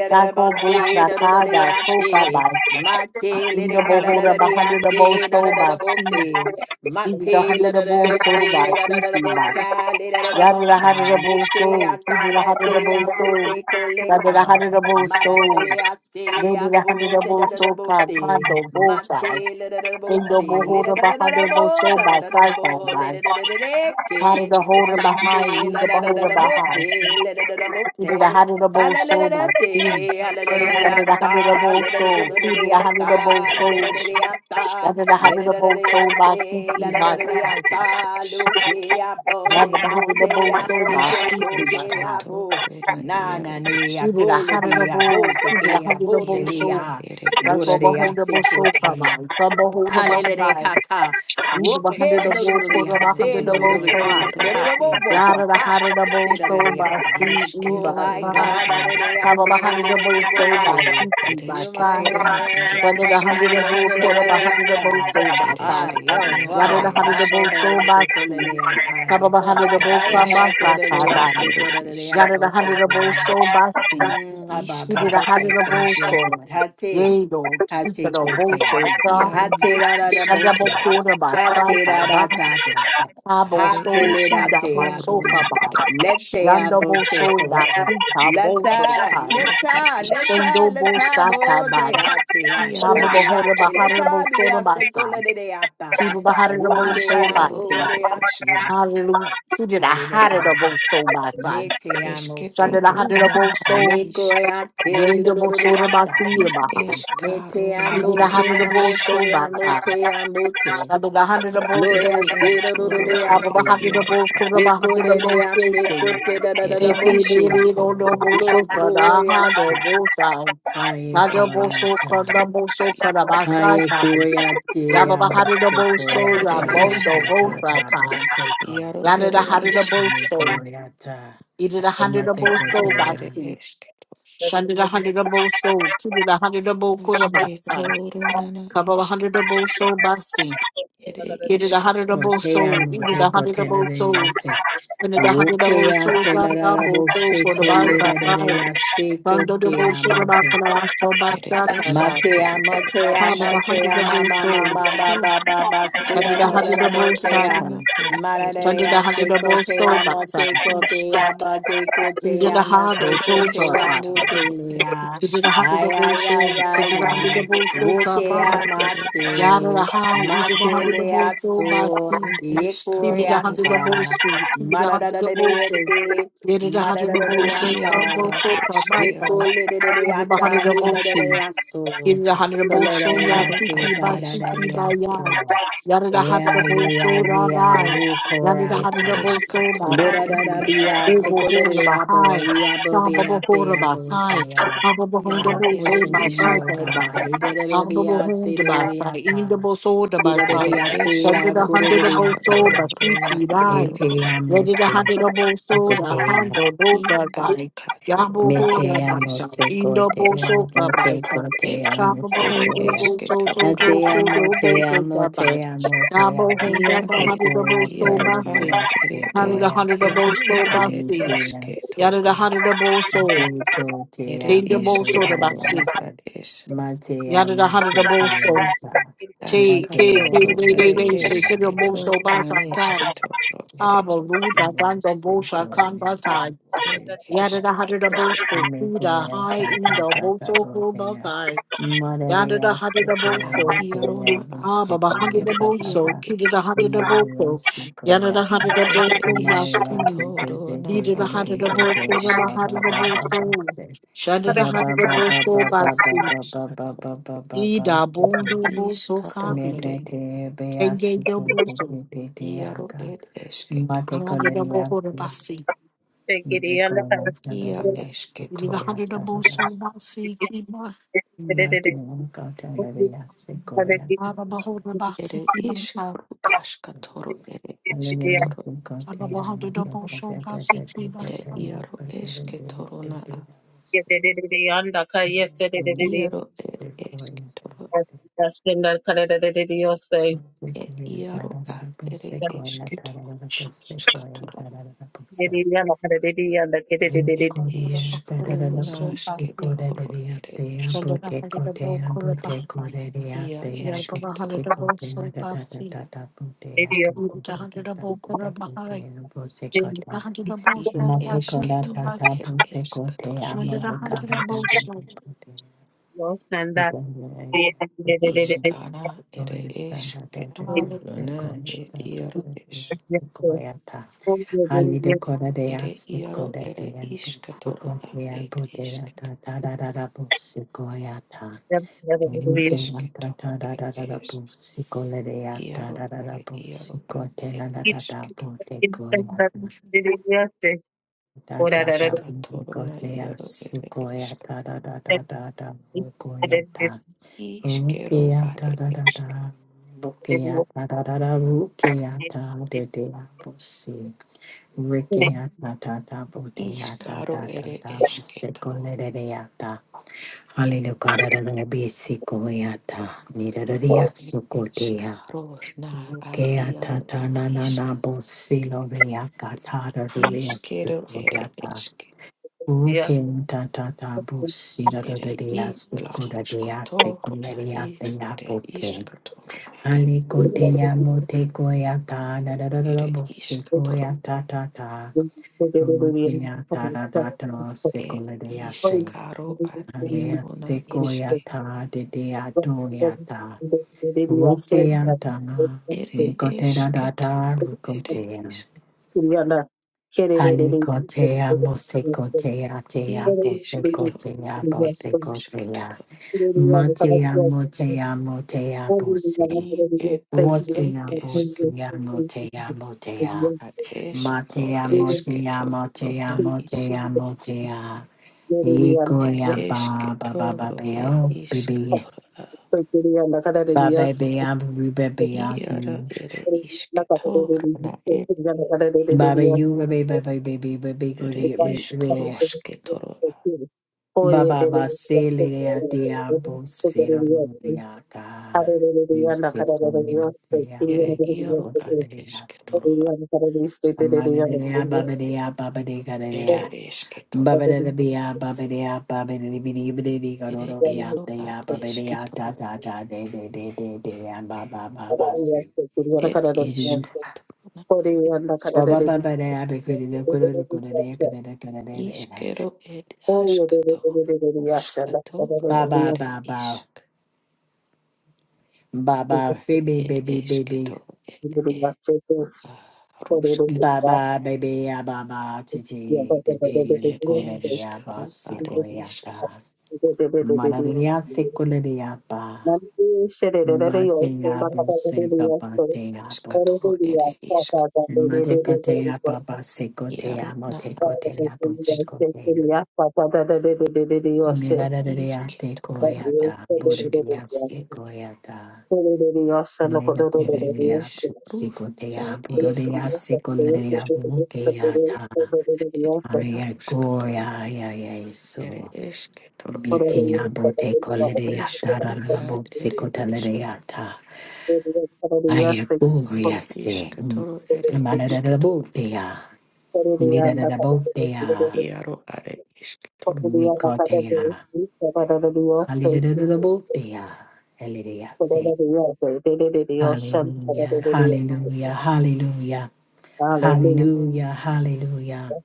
Sako bosa kai, da soka by, in the hundred of both so by She did a Mate la hundred da of da all da soul de by da da da da Christy Bass. boca le da da da Rather the hundred bossa of le all te soul. She ata did a da hundred of te all soul. ambute Rather the coleca. hundred of all Ma da da da soul. de a They se a did a hundred of pose da all da da soul by bote. Tondo Bull Size. Mate la da da da They double bosse le da holder da da da behind da their both bo soul da da by da da da side by bo le da by. da da da de Part of ke. the holder behind, Mate lead la the da da da beholder da behind. bote le He da da da did a bote. hundred of all soul Hallelujah, by sea. Iaro Rather hallelujah, the ed hundred of all le da da da da da da soul. He did a hundred of all da da ed soul. da da iskro da Rather the hundred of all soul by Lidadadadayate, Christy by iaro ad side. ed ladadadadayata, esketo lukeapo, Yaba the hundred double ed soul sekoteapo, by sixty by five. iskroskato sekoteapo, roda iaro es nananea, We did a hundred double, kolediabo, old, did a hundred sekeabo, double iaro show. da telea, ere That's what we buradea, hold esketo the most show come sekote. on. Some ruskato will hold the bus iaro side. Alelekata. We did a hundred Roke double for the dororiya iskato se hundred double old ronana dororika soul. iaro re e dororobo Yada the ha hundred double se soul by C dororiyata. E Oh iskero by my ere size. God, iaro dororiya ad Baba the se hundred double dororobo soul by sea, te. Oh. E ere by You my size. ya sketorona ya are ya Brother the isk hundred se double old, quarter by hundred double dororiyata. soul by ere size. Ayo, skotorona why Yada ara the be? hundred double Abo be isketo soul a by se C. koleriya ha ye Baba the ko. hundred double ed Ay come ay by ay side by eskotoro koleriya nine. se ere isk koleriya Yada da bo hada da bo se so basi. Mm, ah, bah, He did a bah. iskaro hada da bo Thank you, ed so. Lord. Hate, Yea, Thank do you. tika hate da bo kote. so Iaro God. Hate ad da da da Hada bo bose. iskatoro koda ba sai Hate kai da da ba. da bose. Ha bo ere Hate so le da tika te ba so iskotoro ka na abose. ba. ere es Lete Yanda bo abose so da kote. tika bo so Leta, kai. asketoro leta, isk leta, Tendo bo leta sa kai bo ba. de ate a ia Ha ko bo bo de hoda ba esketo ate. hada da bo Leta bi so da a ba se sai. kola de de ata. He bo ba hada da bo Roke so a ba iskaro mo si. ere de a esk se. Hallelujah. He did a hada da Halideka. bo so ba sai. Yeah. Mete a Shanda da esketoro mo hada da na bo are so. me isk goyate Yendable sort of by lororiata. feet i behind. Me te eskaro na He did amo, a ere te hundred of both amo, es soul te by amo, time. te amo, te. I did a hundred of i both Gloria souls. se eketoro I did a ere lororiate. hundred of iaro both ad put up a Eco hundred de of both deate, skating. cote da da da ere da They came in bote. it on the iskotoro both ad so ere cut. I had a Glocoyata. both time. Haye Not the et both so cut, goyata. the askatoro both so cut up iaro by ad side Haye time. goyate Yabba amo hundred of se both soul. ere I'm goyata da the da both da esketo side da kind. boseco. iaro Landed a ere hundred of isk both Me soul. goyata. He did a hundred of both Ashkatoro soul by ere Matecotea. sea. esketo Shunded a hundred of both soul. Two did a hundred of both quarter by side. ashketoro nana Kaba esketo hundredable soul basi. ere Thank you. Get it is a iskato hundredable Kote soul. amo Eat it is te a kote na hundredable ne soul. yase. Then it a Uke hundredable a soul. te la Dan la la i bo double se soul for the by ashkatoro by la la la ere by. ya es se Rondo the kote bullshit amo about te. the last soul by ere Sakai by. Matea, esketoro ere motea, Have it a motea, ma, hundredable ma, ma, soul. ma, ba, iskaruskatoro ba, ba, ba, ere si, Turn da, it da, a da, da, da, hundredable esketoro motea. na Sakai. ad ere Turn it a Maradea, is hundredable soul secotea, by Sakai. moteco, bea, rusketo It Did a batecotea, hard or ere total motecotea, by. esketoro ere mutelea. Did it did a isk Ay, hundredable ay, ay, soul. Did it did ay, a ay. hundredable soul by. iskaro Wokea, ere esk Yada da mate. ha, either the hundred of Matelea, both so by so. Steve, ed Steve eskaro did hundred ere of both Yekuriata. isk so, Steve the hundred of both so, Madadadadeate. did it hundred of are both so, iaro come both ed Madadadadeata. so, come eskero side, either the Ekoleleleata, hundred of both so. heleleleaso. Kira Honorable Shoba Iaro Soleleate, ad Siki Basiki esketoro ed Bayai. gadadeleaso. Yada the Yeah, Honorable yeah, Soda yeah, Bai. Yada the ed wukorata. Honorable Soba eskatoro ed Siki. ed Ledadadabia, iaro Obo Hora es. sekoleleabo, Bahai. viabo, Shababa beate, Hora Basai. abotea. Ababa Iaro I'm Hondable ere pushing to Soba you, Sai O iskatoro Bai. God. ed esket. Ababa Edadadabia, Honda Basai. seleleata. Indable Soda Ere Basai. Yada Sidadeleatea, eskru the Honorable gurudeleata. Soba askatoro na Siki Dai. iaro e. Etea Yada the mercy. Honorable Soda Hondo I Boba ad Bai. Yabu katoro Me Oh. ere te Hora es. amo, Basai. seco, Indable te Soka amo, te Basai. co, Ed te ad amo, Shaba ere Honda secoya. Bo So A esketoro Jojo te i. amo, Kodo Bo te Take amo, That te Bite. amo, te Dabo amo. Honda Ia ed Bahadi Dabo Secoya, So te iaro ad Basi. liria, ere Honey e the secoya. Honda iaro Dabo So ed ed Basi. Lucia, esketo. Yada seco. the Honda Dabo So. Bico, te Ere Take the amo, Bo So the baby, iskatoro na Basi. se. ad es. Mate Yada the amo, Honda te Dabo So. coyata. Take, Mate take, amo, Ashkatoro take, they, they, ere they, baby, say, get your Bo esketo ababa, So Basa secoya. Kai. nanesketoro ere Abo Luda Danda Bo Shakan Secoya, Basai. ed te Yada the Honda esketoro Dabo e So. Kuda Mikoya High ta in ta the ta Bo ta So Ko botea. Basai. Yada the Madaria Honda Dabo ad sequoia So. iarona toya a Ah, Baba ru busequoia hundred ere ta double ta iaro so ta. he e did a hundred double Madaria so yada sequoia. the hundred double ere so last Madaria thing. de de iskatoro de na He de did a de are hundred de de ere double de so ba Baba ba isketo ba hundred ba double ba ba so se. shada the Ba hundred ba ba double ba ed so ba ba ba basi. ba ba ba eskatoro ba ba He ba da ba. bone double so iskaro coffee. ere Mete te bea Tenge sequoia double so te te te iaro aga. ed esketo a Mate hundred double coleria. hold a basi. Take Mikoya ta ta ia ta He did a esketoro sequoia hundred ta double ta. so basi kiba. it easy. Mati Mukata Yes, Lavia Sequoia, Baba hold a ere basi kiba so. iskaru ashkatoro ere Alleluia, esketoro Sukotea, Baba hundred Mata, double so Tata, basi Tata, kiba ere so. iaro Tata, esketoro Tata, na Iaro ed Sequoia, esketoro ed Sequoia, iaro ad ere Sequoia, esketoro Jesus. Sequoia, skatoro Sequoia, ed iskruna So basi. sketoro ere Shandana esketoro Hadidabo Kurabahai. ia Yarbaba esketoro ad Hadidabo Sopasi. Uta Hadidabo Kurabahai. Shandana Hadidabo ia Sopasi. esketoro Kimas. ed esketoro Shandana iaro na Hadidabo eske Sopasi. Sequoia, iskana ere Hallelujah, esketoro na ed iaro Jesus. es Hallelujah, God, they are ere sick, iaro God, they ere are boss, isketoro God, ad they are ed boss, they are isketoro da da da da da boss, God, they are ed We can da esketoro da da da da da ed boss, God, they are da Iaro da da da are boss, iaro a God, they et are da da da esketo. boss, they go they are da da boss, God, Nskatolona they are iaro ere sick, God, they are esk. da da da da da boss, God, they are da. Iskero Rukia da are da da esk. da, Rukia da da da da, Rukia da da da da, boss. Hallelujah. Iskaro ere esketo. Iskaro na ad iaro et isk. Iskero ere esk. Ere i la skotoro na i ere iskatoro ere ere iskatoro Thank you. Tulukia tada dato e sekuledeate. iskaro ad Anea iarona isk. sequoiata de deatoiata. Rupiantana. Ere da da. esketoro, ere rucotea. isk, Halicotea mosecotea i tea esketoro, bosecotea ad ed bosecotea. esketoro, Matea motea motea bose. i ed ad ed Wasia esk, bosia motea motea. ad eskro Matea motea esketoro, motea na isk, motea motea. ed Ikoria ba ba ba ba esketoro, ba ed oh baby isketoro, a, ba baby I'm baby baby iara I'm ere Oh, isketoro, na ed, ba ba you baby baby baby ba baby ba ba ere kuri iskro sketoro, a, ba ba ba se le le a ti a bo se ra lu ti a ka you se ko ni na ti a bo ere se iaro ko ti ad le le a ti esketoro, a, amane le a ba ba le a ba ba le ka ere esketoro, Babadabia, babadia, babadibidi, bidi, ere gododia, iaro dea, ad babadia, ta, esketoro, ta, ta, de, de, de, de, de, and ba, ba, ba, ba, see. Ed Ba, ishkatona ad ba, ishke ba, ba, da, be, goody, da, goody, goody, da, goody, da, goody, da, da, ishkero ed ashkato da. Ba, ruskatoro ba, ere ba, ba, ishk ba, ba, baby, ed baby, baby. eshketoro ed e Thank Ba, rusketoro ba, baby, ah, ba, ba, chi, chi, de, de, de, ed goody, de, ah, ba, eshkru si, are goody, ah, ishk ta. Mana, de, de, ah, si, goody, de, ah, ba. you. Ma, te, ah, bu, se, ba, ba, te, ah, bu, ashkatoro ere ishk Madekotea baba yaro sekotea na ad ed motekotea ishk bosekotea. Milarerea iketoro na ad tekoyata burelia eshketoro i sekoyata. Milena ere kurelia eshkru sekotea ad yaro burelia ad sekolerea ishk bukeata. ere Aya yarushkatoro goya ya ere yeso. eshketoro Bitia Ed botekolerea ish gru tarana ad ere ishk bosekotalerea ta. Hallelujah. Aya goya ere se. ishkatoro ere Madarabo ishkatoro dea. Lidarabo iaro are ishkatoro. Nikotea. Hallelujah. Hallelujah. Say hallelujah. Hallelujah. Hallelujah. Hallelujah. Hallelujah.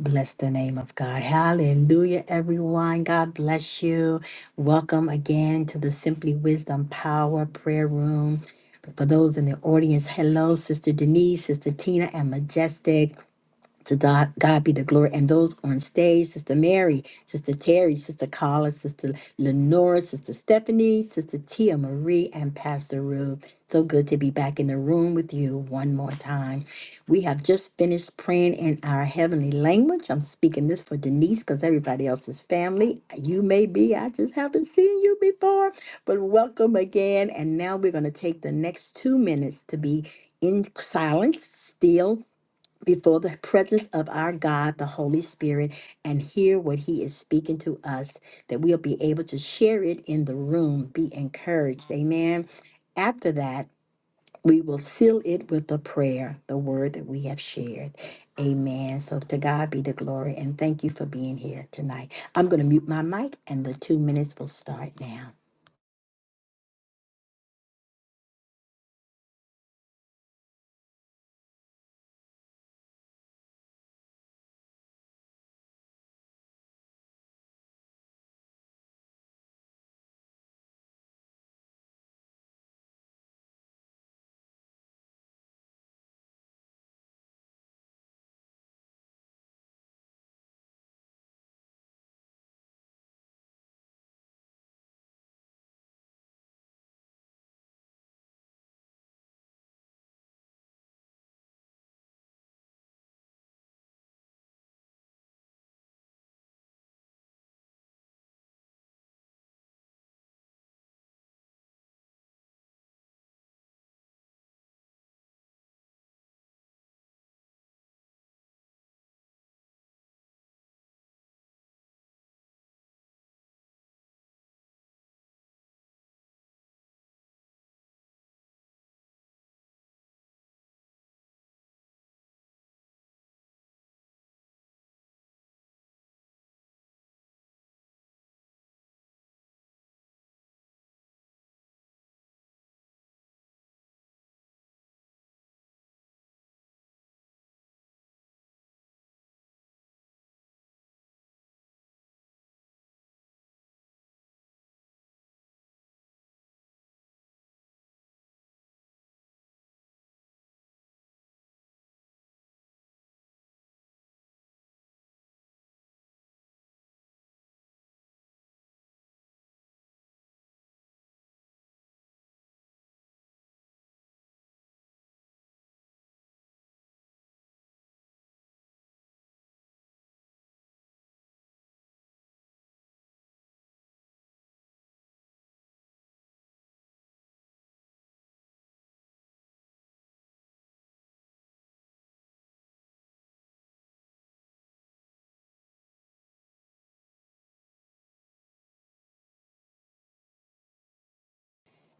Bless the name of God. Hallelujah, everyone. God bless you. Welcome again to the Simply Wisdom Power Prayer Room. For those in the audience, hello, Sister Denise, Sister Tina, and Majestic. To God, God be the glory. And those on stage, Sister Mary, Sister Terry, Sister Collins, Sister Lenora, Sister Stephanie, Sister Tia Marie, and Pastor Rube. So good to be back in the room with you one more time. We have just finished praying in our heavenly language. I'm speaking this for Denise because everybody else is family. You may be, I just haven't seen you before, but welcome again. And now we're going to take the next two minutes to be in silence, still before the presence of our God, the Holy Spirit, and hear what He is speaking to us, that we'll be able to share it in the room, be encouraged. Amen. After that, we will seal it with the prayer, the word that we have shared. Amen. So to God be the glory, and thank you for being here tonight. I'm going to mute my mic, and the two minutes will start now.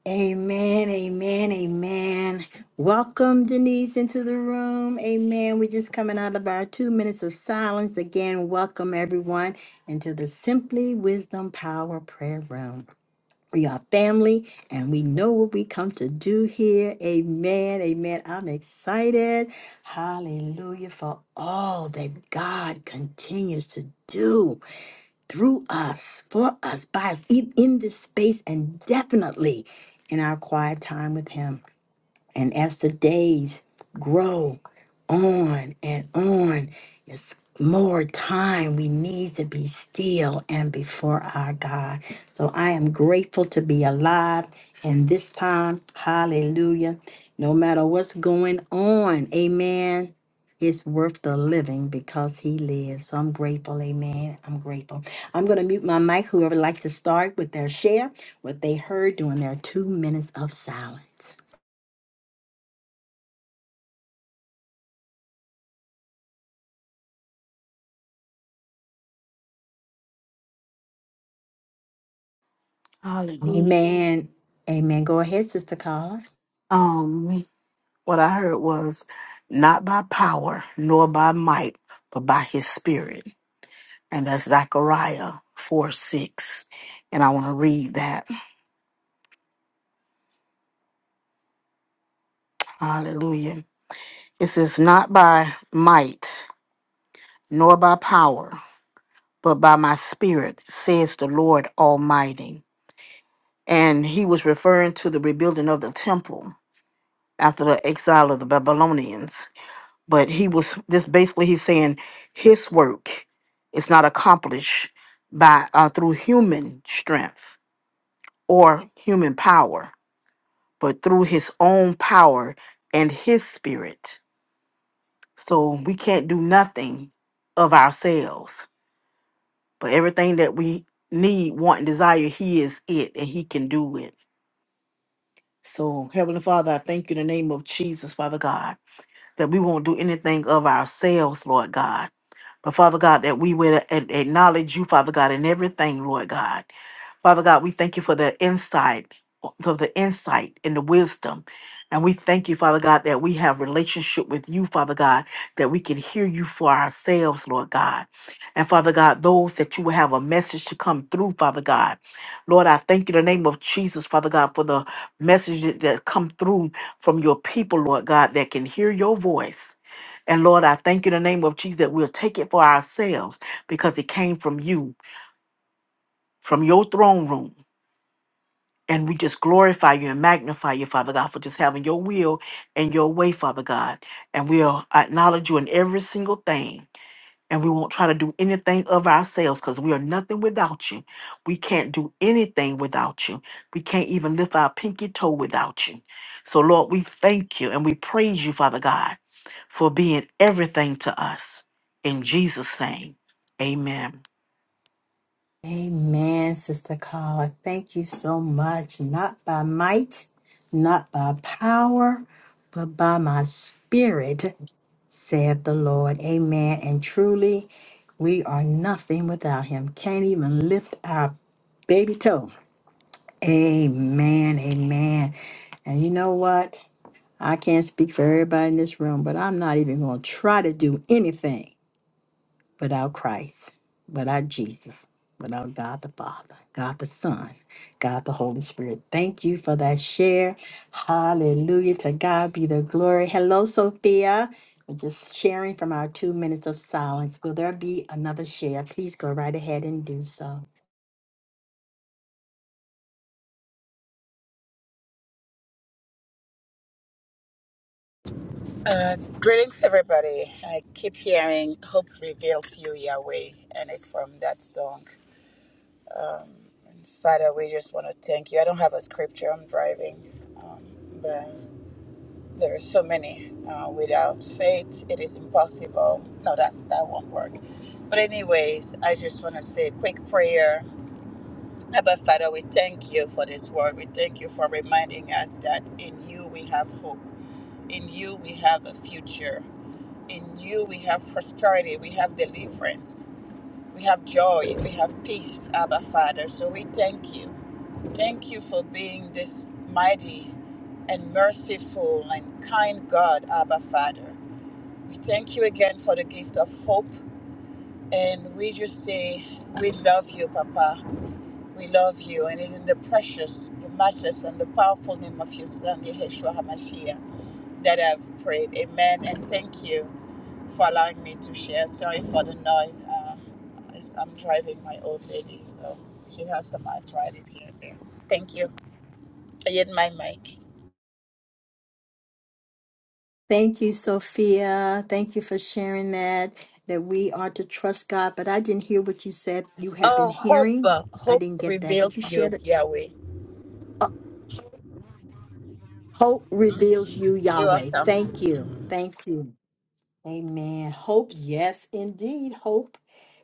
Amen, amen, amen. Welcome, Denise, into the room. Amen. We're just coming out of our two minutes of silence. Again, welcome everyone into the Simply Wisdom Power Prayer Room. We are family and we know what we come to do here. Amen, amen. I'm excited. Hallelujah for all that God continues to do through us, for us, by us, even in this space, and definitely in our quiet time with Him. And as the days grow on and on, it's more time we need to be still and before our God. So I am grateful to be alive in this time. Hallelujah. No matter what's going on, amen. It's worth the living because he lives. So I'm grateful, amen. I'm grateful. I'm going to mute my mic. Whoever would like to start with their share, what they heard during their two minutes of silence. Amen. Amen. Go ahead, Sister Carla. Um, what I heard was not by power nor by might, but by his spirit. And that's Zechariah 4 6. And I want to read that. Hallelujah. It says, Not by might nor by power. but by my spirit, says the Lord Almighty. And he was referring to the rebuilding of the temple after the exile of the Babylonians. But he was this basically he's saying his work is not accomplished by uh, through human strength or human power, but through his own power and his spirit. So we can't do nothing of ourselves But everything that we need, want, and desire, He is it, and He can do it. So, Heavenly Father, I thank you in the name of Jesus, Father God, that we won't do anything of ourselves, Lord God but Father God, that we would a- a- acknowledge you, Father God, in everything, Lord God. Father God, we thank you for the insight, for the insight and the wisdom. And we thank you, Father God, that we have relationship with you, Father God, that we can hear you for ourselves, Lord God. And Father God, those that you will have a message to come through, Father God. Lord, I thank you in the name of Jesus, Father God, for the messages that come through from your people, Lord God, that can hear your voice and Lord, I thank you in the name of Jesus that we'll take it for ourselves because it came from you, from your throne room. And we just glorify you and magnify you, Father God, for just having your will and your way, Father God. And we'll acknowledge you in every single thing. And we won't try to do anything of ourselves because we are nothing without you. We can't do anything without you. We can't even lift our pinky toe without you. So, Lord, we thank you and we praise you, Father God for being everything to us. In Jesus' name, amen. Amen, Sister Carla. Thank you so much. Not by might, not by power, but by my spirit, saith the Lord. Amen. And truly, we are nothing without him. Can't even lift our baby toe. Amen. Amen. And you know what? I can't speak for everybody in this room, but I'm not even going to try to do anything without Christ, without Jesus, without God the Father, God the Son, God the Holy Spirit. Thank you for that share. Hallelujah. To God be the glory. Hello, Sophia. We're just sharing from our two minutes of silence. Will there be another share? Please go right ahead and do so. Uh, greetings, everybody. I keep hearing Hope Reveals You, Yahweh, and it's from that song. And Father, we just want to thank you. I don't have a scripture, I'm driving, um, but there are so many. Uh, without faith, it is impossible. No, that's that won't work. But, anyways, I just want to say a quick prayer. Abba, Father, we thank you for this word. We thank you for reminding us that in you we have hope, in you we have a future. in you we have prosperity, we have deliverance, we have joy, we have peace, Abba Father. So we thank you. Thank you for being this mighty and merciful and kind God, Abba Father. We thank you again for the gift of hope. And we just say, We love you, Papa. We love you. And it's in the precious, the matchless, and the powerful name of your Son, Yeshua HaMashiach, that I've prayed. Amen. And thank you for allowing me to share. Sorry for the noise. Uh, I'm driving my old lady, so she has some arthritis here and there. Thank you. I hit my mic. Thank you, Sophia. Thank you for sharing that, that we are to trust God. But I didn't hear what you said you had been Oh, hope, hearing. uh, I hope didn't get that. Could reveals you share you, that? Yahweh. Hope Mm, reveals you, You're Yahweh. Thank you. welcome. Thank you. Amen. Hope, yes, indeed. Hope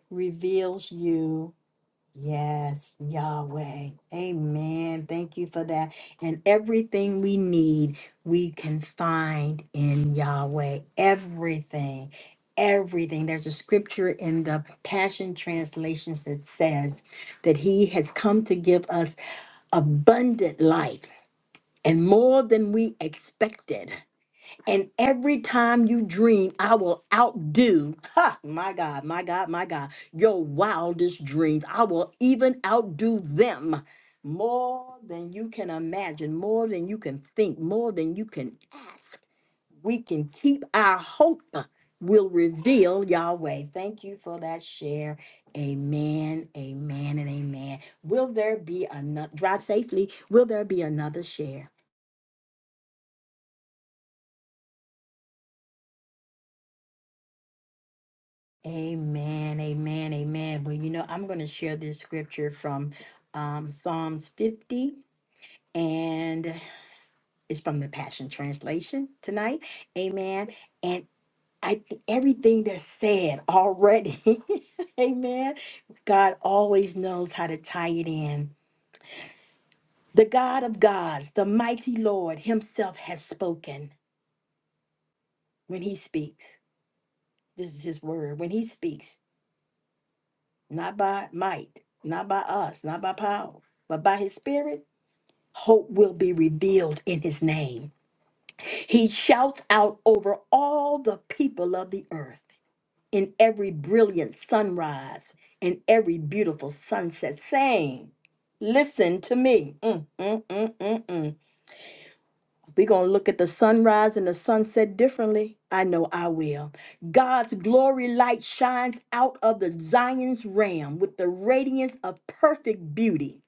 reveals you. Yes, Yahweh. Amen. Thank you for that. And everything we need, we can find in Yahweh. Everything. Everything. There's a scripture in the Passion Translations that says that He has come to give us abundant life and more than we expected. And every time you dream, I will outdo, ha, my God, my God, my God, your wildest dreams. I will even outdo them more than you can imagine, more than you can think, more than you can ask. We can keep our hope, uh, will reveal Yahweh. Thank you for that share. Amen, amen, and amen. Will there be another, drive safely, will there be another share? Amen, amen, amen. Well, you know, I'm going to share this scripture from um, Psalms 50, and it's from the Passion Translation tonight. Amen. And I th- everything that's said already, amen. God always knows how to tie it in. The God of gods, the mighty Lord Himself has spoken when He speaks. This is His word. When He speaks, not by might, not by us, not by power, but by his spirit, hope will be revealed in his name. He shouts out over all the people of the earth in every brilliant sunrise and every beautiful sunset, saying, Listen to me. Mm, mm, mm, mm, mm. We're going to look at the sunrise and the sunset differently. I know I will. God's glory light shines out of the Zion's ram with the radiance of perfect beauty.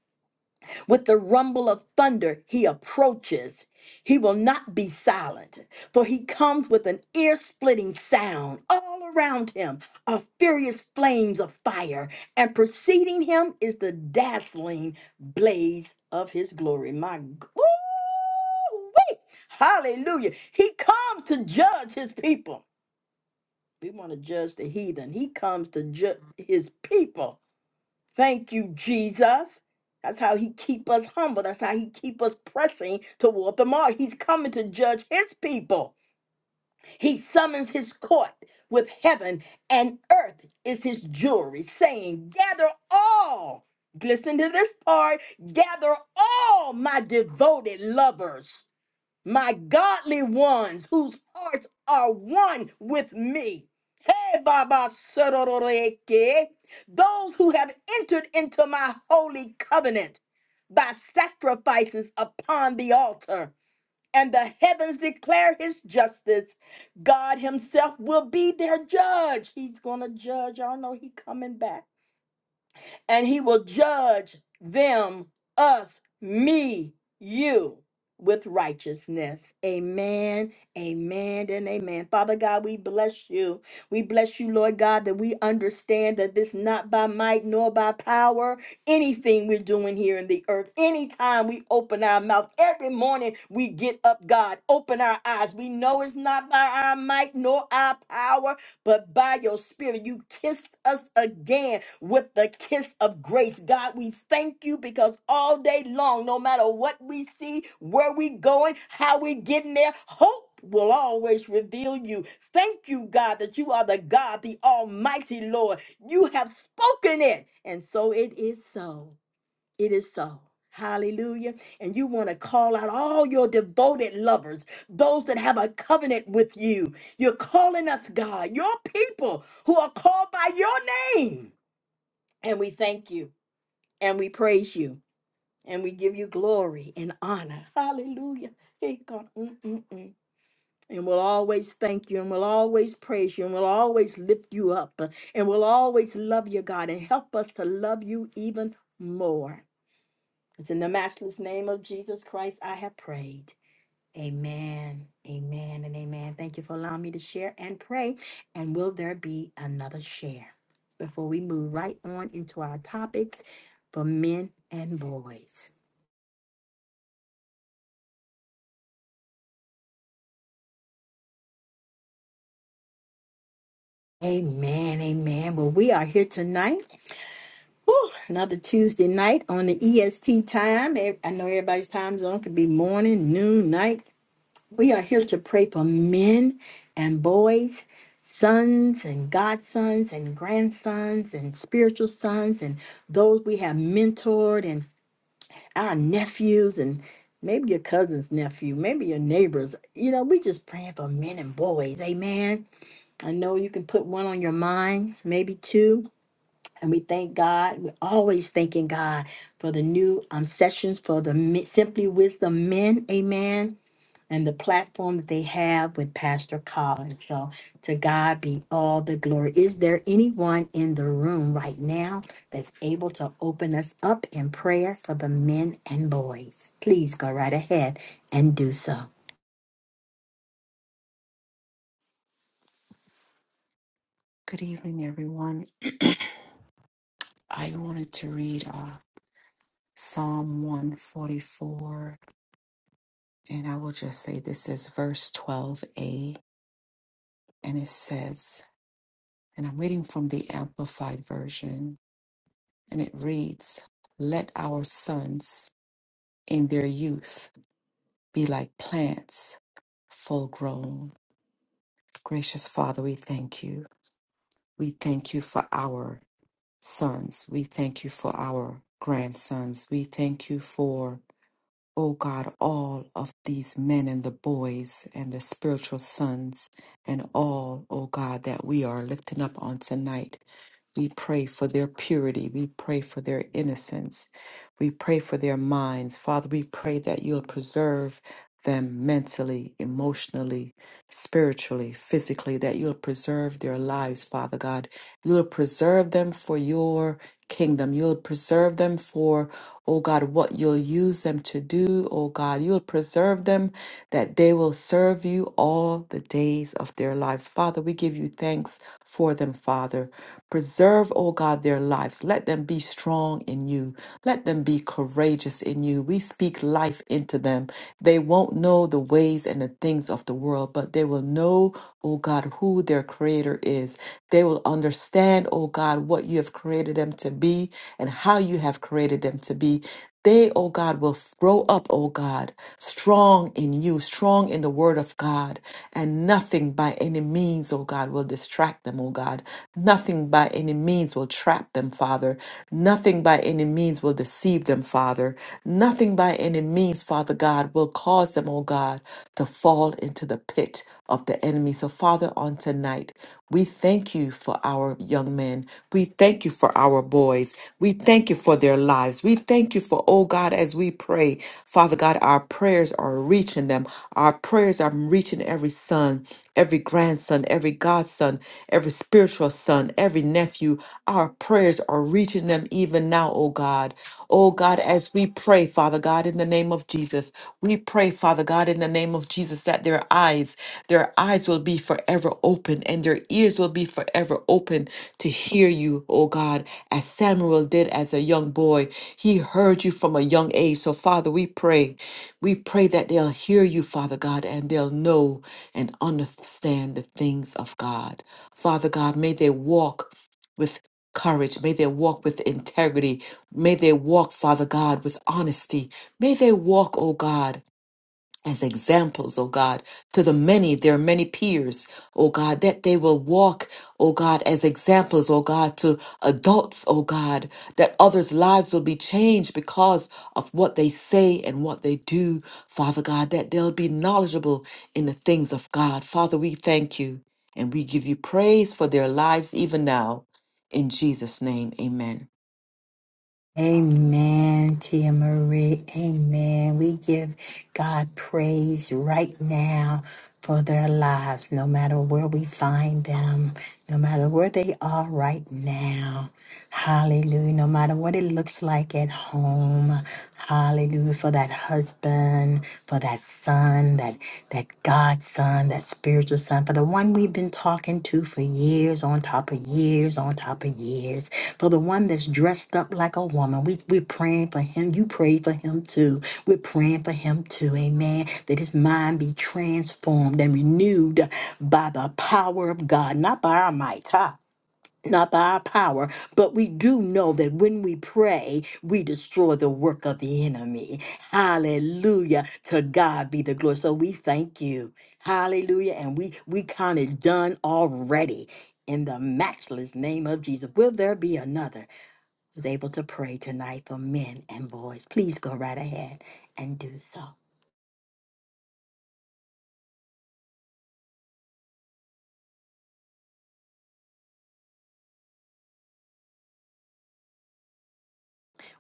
With the rumble of thunder, he approaches. He will not be silent, for he comes with an ear splitting sound. All around him are furious flames of fire, and preceding him is the dazzling blaze of his glory. My wee! Hallelujah. He comes to judge his people. We want to judge the heathen. He comes to judge his people Thank you, Jesus. That's how he keep us humble. That's how he keep us pressing toward the mark. He's coming to judge his people. He summons his court with heaven and earth is his jury, saying, "Gather all." Listen to this part. Gather all my devoted lovers my godly ones whose hearts are one with me. Hey, Baba Sororeke, those who have entered into my holy covenant by sacrifices upon the altar, and the heavens declare his justice. God himself will be their judge. He's going to judge. Y'all know he coming back and he will judge them, us, me, you with righteousness. Amen, amen, and amen. Father God, we bless you. We bless you, Lord God, that we understand that this not by might nor by power, anything we're doing here in the earth, anytime we open our mouth, every morning we get up, God, open our eyes. We know it's not by our might nor our power, but by your spirit, you kissed us again with the kiss of grace. God, we thank you because all day long, no matter what we see, where we going, how we getting there, hope will always reveal you. Thank you, God, that you are the God, the Almighty Lord. You have spoken it, and so it is so. It is so. Hallelujah. And you want to call out all your devoted lovers, those that have a covenant with you. You're calling us, God, your people who are called by your name. And we thank you and we praise you and we give you glory and honor. Hallelujah. Hey, God. Mm, mm, mm. And we'll always thank you and we'll always praise you and we'll always lift you up and we'll always love you, God, and help us to love you even more. It's in the matchless name of Jesus Christ I have prayed. Amen, amen, and amen. Thank you for allowing me to share and pray. And will there be another share before we move right on into our topics for men and boys? Amen, amen. Well, we are here tonight. Whew, another Tuesday night on the EST time. Ev- I know everybody's time zone could be morning, noon, night, We are here to pray for men and boys, sons and godsons and grandsons and spiritual sons and those we have mentored and our nephews and maybe your cousin's nephew, maybe your neighbors. You know, we just praying for men and boys. Amen. I know you can put one on your mind, maybe two. And we thank God. We're always thanking God for the new um, sessions for the Mi- Simply Wisdom men. Amen and the platform that they have with Pastor Collins. So to God be all the glory. Is there anyone in the room right now that's able to open us up in prayer for the men and boys? Please go right ahead and do so. Good evening, everyone. I wanted to read uh, Psalm 144, and I will just say this is verse 12a, and it says, and I'm reading from the Amplified Version, and it reads, Let our sons in their youth be like plants full grown. Gracious Father, we thank you. We thank you for our sons. We thank you for our grandsons. We thank you for, oh God, all of these men and the boys and the spiritual sons and all, oh God, that we are lifting up on tonight. We pray for their purity. We pray for their innocence. We pray for their minds. Father, we pray that you'll preserve them mentally, emotionally, spiritually, physically, that you'll preserve their lives, Father God. You'll preserve them for your kingdom. You'll preserve them for, oh God, what you'll use them to do, oh God. You'll preserve them that they will serve you all the days of their lives. Father, we give you thanks for them, Father. Preserve, O God, their lives. Let them be strong in you. Let them be courageous in you. We speak life into them. They won't know the ways and the things of the world, but they will know, O God, who their creator is. They will understand, O God, what you have created them to be and how you have created them to be. They, oh God, will grow up, oh God, strong in you, strong in the word of God, and nothing by any means, oh God, will distract them, oh God. Nothing by any means will trap them, Father. Nothing by any means will deceive them, Father. Nothing by any means, Father God, will cause them, oh God, to fall into the pit bite of the enemy. So, Father, on tonight, we thank you for our young men. We thank you for our boys. We thank you for their lives. We thank you for, oh God, as we pray, Father God, our prayers are reaching them. Our prayers are reaching every son, every grandson, every godson, every spiritual son, every nephew. Our prayers are reaching them even now, oh God. Oh God, as we pray, Father God, in the name of Jesus, we pray, Father God, in the name of Jesus, that their eyes, their eyes will be forever open and their ears will be forever open to hear you, oh God, as Samuel did as a young boy. He heard you from a young age. So, Father, we pray. We pray that they'll hear you, Father God, and they'll know and understand the things of God. Father God, may they walk. with courage. May they walk with integrity. May they walk, Father God, with honesty. May they walk, oh God as examples, oh God, to the many, their many peers, oh God, that they will walk, oh God, as examples, oh God, to adults, oh God, that others' lives will be changed because of what they say and what they do, Father God, that they'll be knowledgeable in the things of God. Father, we thank you and we give you praise for their lives even now. In Jesus' name, amen. Amen, Tia Marie. Amen. We give God praise right now for their lives, no matter where we find them, no matter where they are right now. Hallelujah. No matter what it looks like at home. Hallelujah for that husband, for that son, that that godson, that spiritual son, for the one we've been talking to for years on top of years on top of years, for the one that's dressed up like a woman. We we're praying for him. You pray for him too. We're praying for him too. Amen. That his mind be transformed and renewed by the power of God, not by our might. Huh not by our power, but we do know that when we pray, we destroy the work of the enemy. Hallelujah. To God be the glory. So we thank you. Hallelujah. And we we count it done already in the matchless name of Jesus. Will there be another who's able to pray tonight for men and boys? Please go right ahead and do so.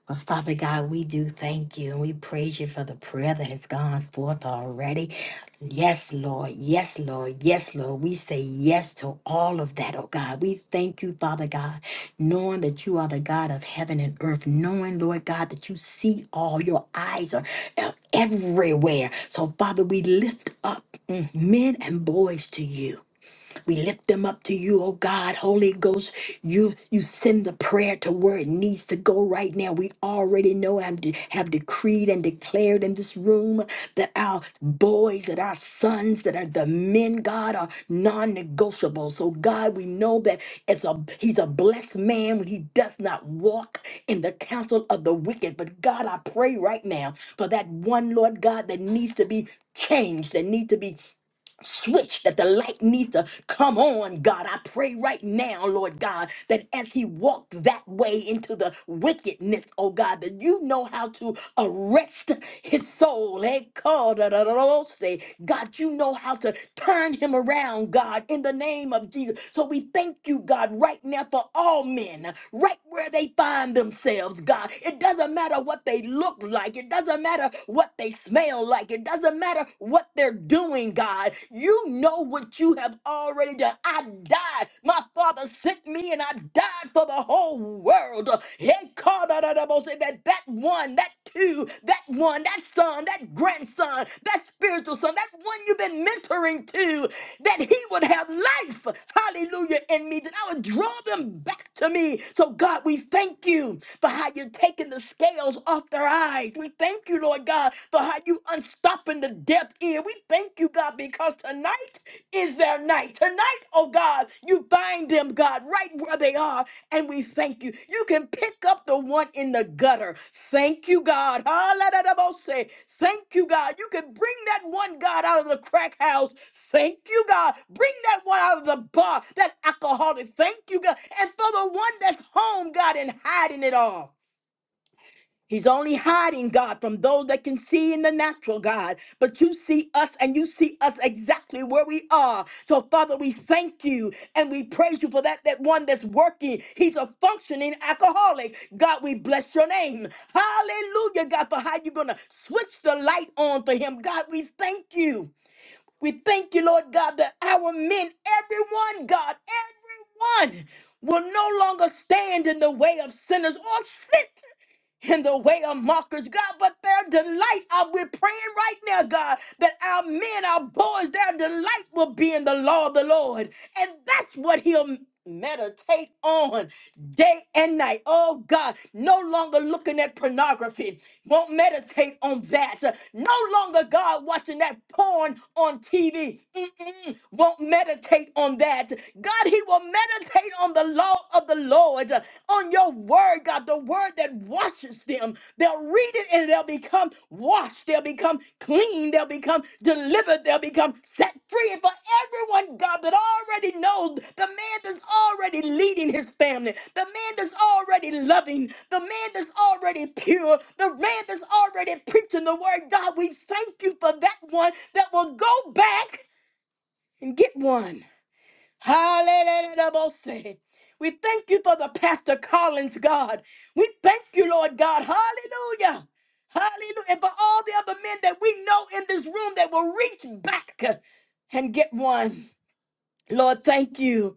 Well, Father God, we do thank you and we praise you for the prayer that has gone forth already. Yes, Lord. Yes, Lord. Yes, Lord. We say yes to all of that, oh God. We thank you, Father God, knowing that you are the God of heaven and earth, knowing, Lord God, that you see all, your eyes are everywhere. So, Father, we lift up mm, men and boys to you. We lift them up to you, oh God, Holy Ghost. You you send the prayer to where it needs to go right now. We already know and de- have decreed and declared in this room that our boys, that our sons, that are the men, God, are non-negotiable. So God, we know that as a he's a blessed man when he does not walk in the counsel of the wicked. But God, I pray right now for that one, Lord God, that needs to be changed, that need to be switch that the light needs to come on, God. I pray right now, Lord God, that as he walked that way into the wickedness, oh God, that you know how to arrest his soul. Hey, God, da, da, da, da, say, God, you know how to turn him around, God, in the name of Jesus. So we thank you, God, right now for all men, right where they find themselves, themselves, God. It doesn't matter what they look like. It doesn't matter what they smell like. It doesn't matter what they're doing, God. You know what you have already done. I died. My Father sent me and I died for the whole world. He called out of the most- That that one, that two, that one, that son, that grandson, that spiritual son, that one you've been mentoring to that he would have life, hallelujah, in me, that I would draw them back to me. So, God, we thank you for how you're taking the scales off their eyes. We thank you, Lord God, for how you unstopping the deaf ear. We thank you, God, because tonight is their night. Tonight, oh God, you find them, God, right where they are and we thank you. You can pick up the one in the gutter. Thank you, God. Hallelujah. Thank you, God. You can bring that one, God, out of the crack house. Thank you, God. Bring that one out of the bar, that alcoholic. Thank you, God. And for the one that's home, God, and hiding it all. He's only hiding, God, from those that can see in the natural, God. But you see us and you see us exactly where we are. So, Father, we thank you and we praise you for that, that one that's working. He's a functioning alcoholic. God, we bless your name. Hallelujah, God, for how you're going to switch the light on for him. God, we thank you. We thank you, Lord God, that our men, everyone, God, everyone will no longer stand in the way of sinners or sit in the way of mockers, God, but their delight, uh, we're praying right now, God, that our men, our boys, their delight will be in the law of the Lord. And that's what he'll meditate on day and night. Oh, God, no longer looking at pornography, won't meditate on that. No longer, God, watching that porn on TV. Mm-mm. Won't meditate on that. God, He will meditate on the law of the Lord, on your word, God, the word that washes them. They'll read it and they'll become washed. They'll become clean clean, they'll become delivered, they'll become set free. And for everyone, God, that already knows the man that's already leading his family, the man that's already loving, the man that's already pure, the man that's already preaching the word, God, we thank you for that one that will go back and get one. Hallelujah. We thank you for the Pastor Collins, God. We thank you, Lord God. Hallelujah. Hallelujah. And for all the other men that we know in this room that will reach back and get one. Lord, thank you.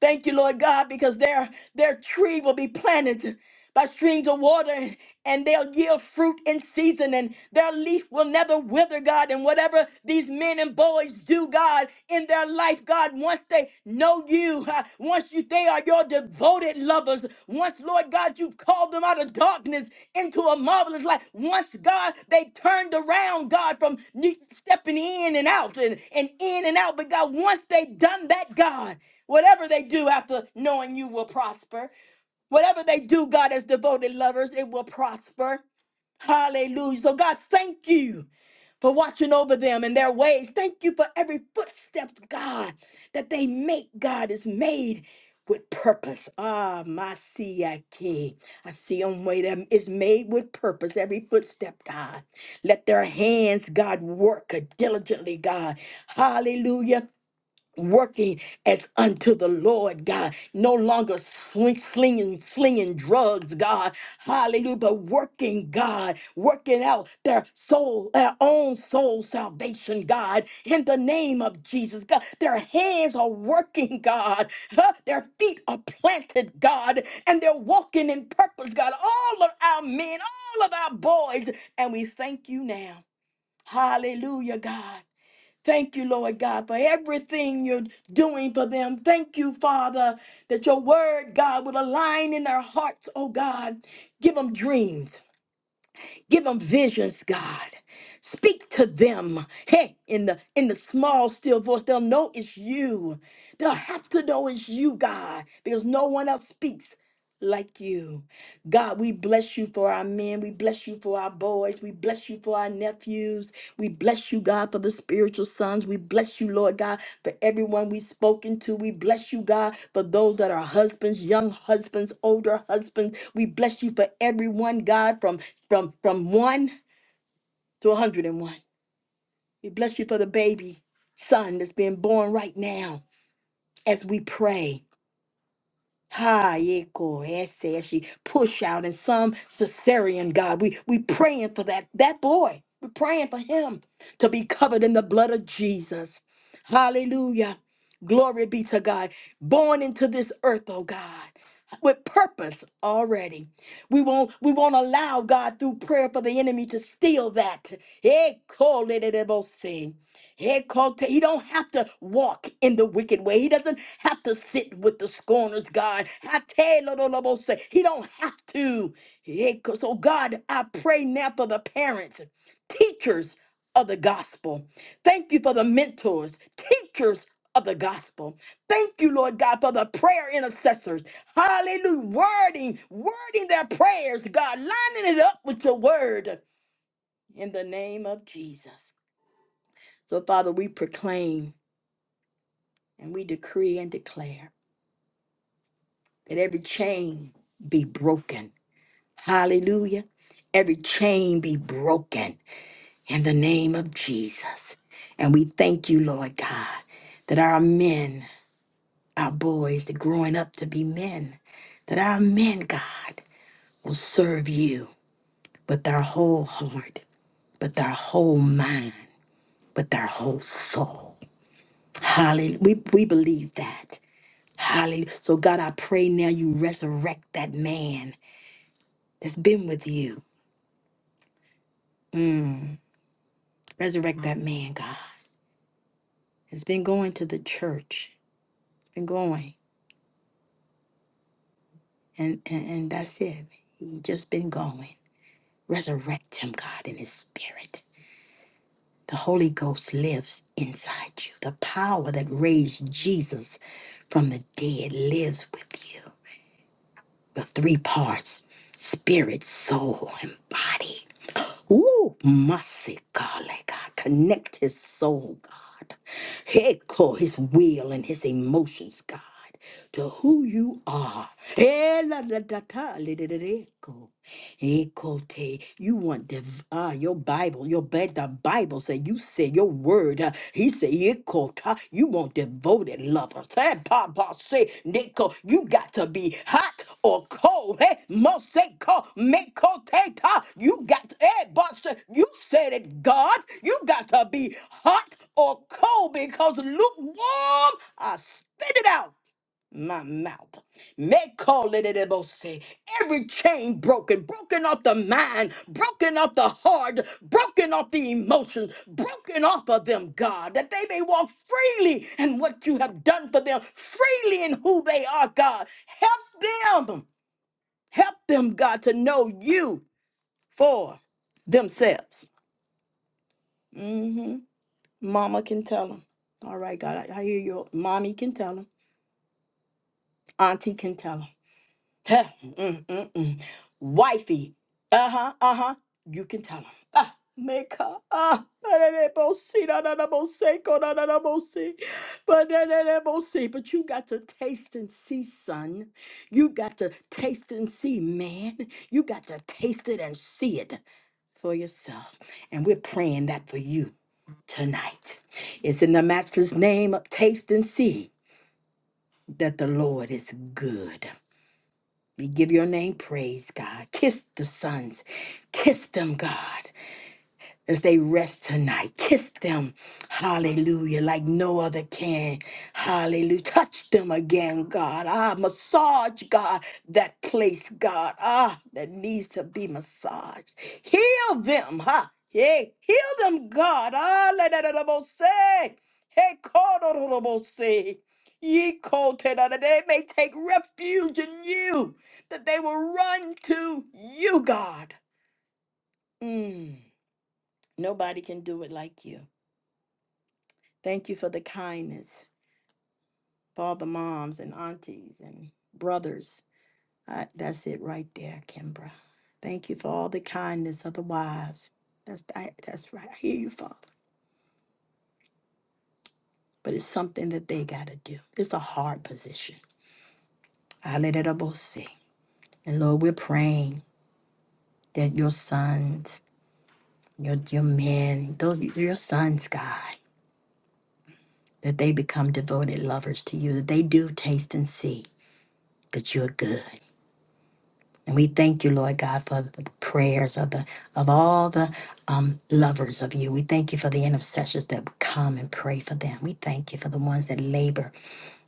Thank you, Lord God, because their their tree will be planted by streams of water and they'll yield fruit in season and their leaf will never wither, God. And whatever these men and boys do, God, in their life, God, once they know you, uh, once you they are your devoted lovers, once, Lord God, you've called them out of darkness into a marvelous light. Once, God, they turned around, God, from ne- stepping in and out and, and in and out. But God, once they done that, God. Whatever they do after knowing you will prosper. Whatever they do, God, as devoted lovers, it will prosper. Hallelujah. So, God, thank you for watching over them and their ways. Thank you for every footstep, God, that they make, God, is made with purpose. Ah, my CIK. I can. I see them way that is made with purpose. Every footstep, God. Let their hands, God, work diligently, God. Hallelujah working as unto the Lord God, no longer swing, slinging, slinging drugs, God, hallelujah, but working, God, working out their soul, their own soul salvation, God, in the name of Jesus, God, their hands are working, God, huh, their feet are planted, God, and they're walking in purpose, God, all of our men, all of our boys, and we thank you now, hallelujah, God. Thank you, Lord God, for everything you're doing for them. Thank you, Father, that your word, God, would align in their hearts, oh God. Give them dreams. Give them visions, God. Speak to them. Hey, in the in the small still voice, they'll know it's you. They'll have to know it's you, God, because no one else speaks like you. God, we bless you for our men. We bless you for our boys. We bless you for our nephews. We bless you, God, for the spiritual sons. We bless you, Lord God, for everyone we've spoken to. We bless you, God, for those that are husbands, young husbands, older husbands. We bless you for everyone, God, from from from one to 101. We bless you for the baby son that's being born right now as we pray. Ha yeko ese as she push out in some cesarean God. We we praying for that that boy. we praying for him to be covered in the blood of Jesus. Hallelujah. Glory be to God. Born into this earth, oh God, with purpose already. We won't we won't allow God through prayer for the enemy to steal that. Hey, call it a Head called to- He don't have to walk in the wicked way. He doesn't have to sit with the scorners, God. I tell you, Lord, Lord, say, He don't have to. Yeah, 'cause- So, God, I pray now for the parents, teachers of the gospel. Thank you for the mentors, teachers of the gospel. Thank you, Lord God, for the prayer intercessors. Hallelujah. Wording, wording their prayers, God, lining it up with your word in the name of Jesus. So, Father, we proclaim. And we decree and declare that every chain be broken. Hallelujah. Every chain be broken in the name of Jesus. And we thank you, Lord God, that our men, our boys, that growing up to be men, that our men, God, will serve you with their whole heart, with their whole mind, with their whole soul. Hallelujah. We, we believe that. Hallelujah. So, God, I pray now you resurrect that man that's been with you. Mm. Resurrect that man, God. It's been going to the church. It's been going. And, and, and that's it. He just been going. Resurrect him, God, in his spirit. The Holy Ghost lives inside you. The power that raised Jesus from the dead lives with you. The three parts spirit, soul, and body. Ooh, mercy, God, let God connect his soul, God. Echo his will and his emotions, God, to who you are. Eh, la, la, da, ta, li, di, di, di, echo. Ekote. You want the ah your Bible, your bed, the Bible say you say your word. uh, he say ekota. You want devoted lovers. Hey, Papa say Nico, you got to be hot or cold. Hey, Moseko, Mekoteta. You got hey, boss, you said it, God. You got to be hot or cold because lukewarm. I spit it out my mouth. Meko lededebose. Every chain broken, broken off the mind, broken off the heart, broken off the emotions, broken off of them, God, that they may walk freely in what you have done for them, freely in who they are, God. Help them, help them, God, to know you for themselves. hmm Mama can tell them. All right, God, I, I hear you. Mommy can tell them. Auntie can tell 'em. Heh, mm, mm, mm. Wifey. Uh huh, uh huh. You can tell him. Ah, make her. Ah, ba-da-da-bo-si, da-da-da-bo-si, ko-da-da-da-bo-si, ba-da-da-da-bo-si. but you got to taste and see, son. You got to taste and see, man. You got to taste it and see it for yourself. And we're praying that for you tonight. It's in the matchless name of taste and see that the Lord is good. We give your name praise, God. Kiss the sons. Kiss them, God as they rest tonight. Kiss them, hallelujah, like no other can. Hallelujah. Touch them again, God. Ah, massage, God, that place, God, ah, that needs to be massaged. Heal them, huh? Yeah, heal them, God. Ah, la da da da bo say. Hey, ko do do do bo say. Ye ko te da da. They may take refuge in you, that they will run to you, God. Mm. Nobody can do it like you. Thank you for the kindness for all the moms and aunties and brothers. I, that's it right there, Kimbra. Thank you for all the kindness of the wives. That's I, that's right. I hear you, Father. But it's something that they got to do. It's a hard position. I let it up see. And Lord, we're praying that your sons, your your men, those your sons, God, that they become devoted lovers to you. That they do taste and see that you're good And we thank you, Lord God, for the prayers of the of all the um, lovers of you. We thank you for the intercessors that come and pray for them. We thank you for the ones that labor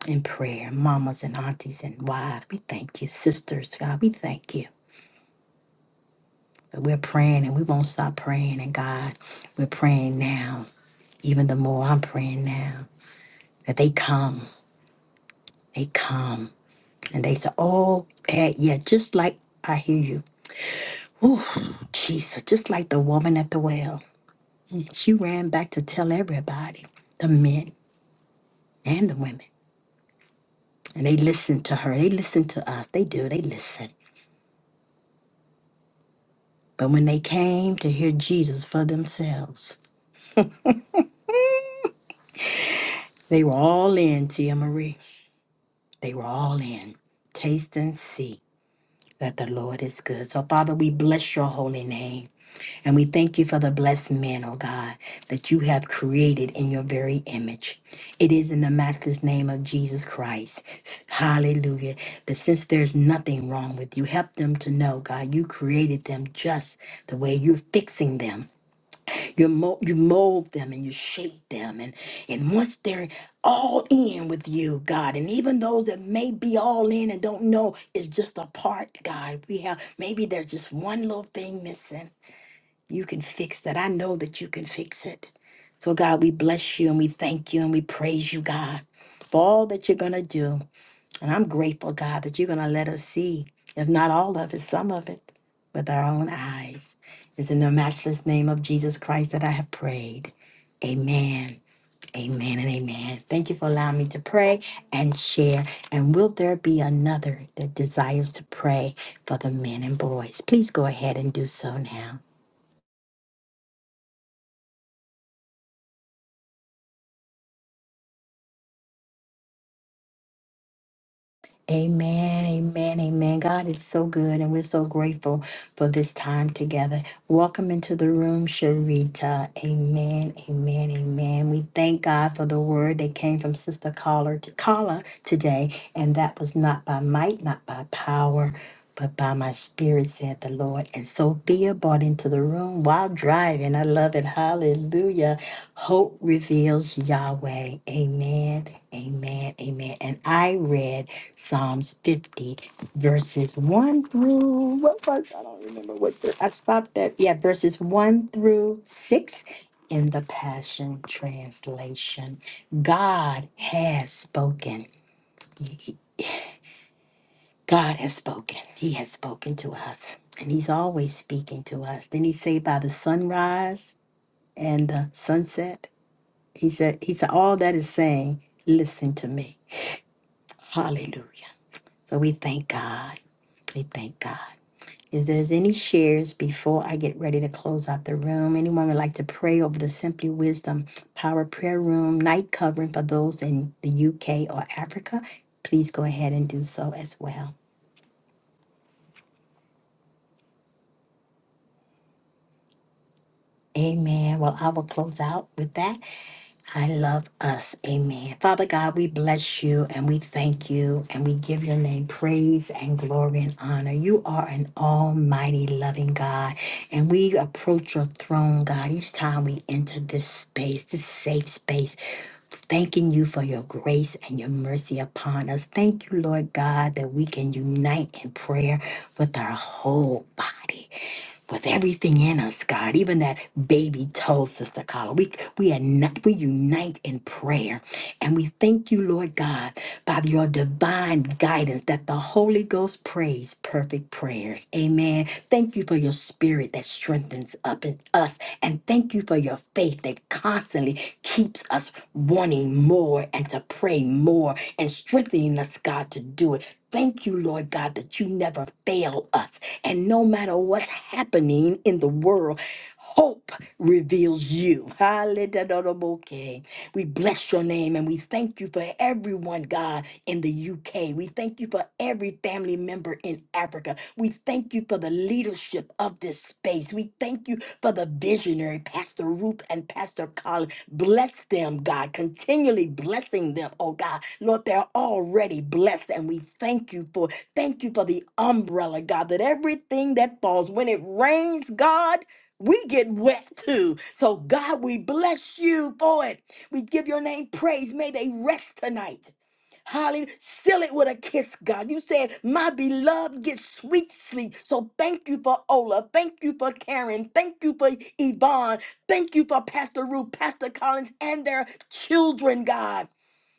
in prayer, mamas and aunties and wives. We thank you, sisters, God. We thank you. We're praying and we won't stop praying. And God, we're praying now. Even the more I'm praying now that they come, they come, and they say, "Oh, eh, yeah," just like I hear you. Ooh, Jesus, just like the woman at the well. She ran back to tell everybody, the men and the women. And they listened to her. They listened to us. They do. They listen. But when they came to hear Jesus for themselves, they were all in, Tia Marie. They were all in. Taste and see that the Lord is good. So, Father, we bless your holy name. And we thank you for the blessed man, oh God, that you have created in your very image. It is in the matchless name of Jesus Christ. Hallelujah. That since there's nothing wrong with you, help them to know, God, you created them just the way you're fixing them. You, mo- you mold them and you shape them. And, and once they're all in with you, God, and even those that may be all in and don't know it's just a part, God, we have maybe there's just one little thing missing. You can fix that. I know that you can fix it. So, God, we bless you and we thank you and we praise you, God, for all that you're going to do. And I'm grateful, God, that you're going to let us see, if not all of it, some of it, with our own eyes. It's in the matchless name of Jesus Christ that I have prayed. Amen. Amen and amen. Thank you for allowing me to pray and share. And will there be another that desires to pray for the men and boys? Please go ahead and do so now. Amen, amen, amen. God is so good, and we're so grateful for this time together. Welcome into the room, Sharita. Amen, amen, amen. We thank God for the word that came from Sister Caller to Caller today, and that was not by might, not by power, but by my spirit, said the Lord. And Sophia brought into the room while driving. I love it. Hallelujah. Hope reveals Yahweh. Amen, amen, amen. And I read. Psalms 50, verses 1 through what was I don't remember what the, I stopped at. Yeah, verses 1 through 6 in the Passion Translation. God has spoken. He- he- God has spoken. He has spoken to us. And he's always speaking to us. Then he say by the sunrise and the sunset. He said, He said, all that is saying, listen to me. Hallelujah. So we thank God. We thank God. If there's any shares before I get ready to close out the room, anyone would like to pray over the Simply Wisdom Power Prayer Room night covering for those in the UK or Africa, please go ahead and do so as well. Amen. Well, I will close out with that. I love us. Amen. Father God, we bless you and we thank you and we give your name praise and glory and honor. You are an almighty loving God and we approach your throne, God, each time we enter this space, this safe space, thanking you for your grace and your mercy upon us. Thank you, Lord God, that we can unite in prayer with our whole body with everything in us, God, even that baby toe, Sister Carla, we we are not, we unite in prayer, and we thank you, Lord God, by your divine guidance that the Holy Ghost prays perfect prayers. Amen. Thank you for your spirit that strengthens up in us, and thank you for your faith that constantly keeps us wanting more and to pray more and strengthening us, God, to do it. Thank you, Lord God, that you never fail us. And no matter what's happening in the world, hope reveals you. Hallelujah. We bless your name and we thank you for everyone, God, in the UK. We thank you for every family member in Africa. We thank you for the leadership of this space. We thank you for the visionary, Pastor Ruth and Pastor Colin. Bless them, God, continually blessing them, oh God. Lord, they're already blessed, and we thank you for thank you for the umbrella, God, that everything that falls, when it rains, God, we get wet too. So, God, we bless you for it. We give your name praise. May they rest tonight. Hallelujah. Seal it with a kiss, God. You said, My beloved gets sweet sleep. So thank you for Ola. Thank you for Karen. Thank you for Yvonne. Thank you for Pastor Ruth, Pastor Collins, and their children, God.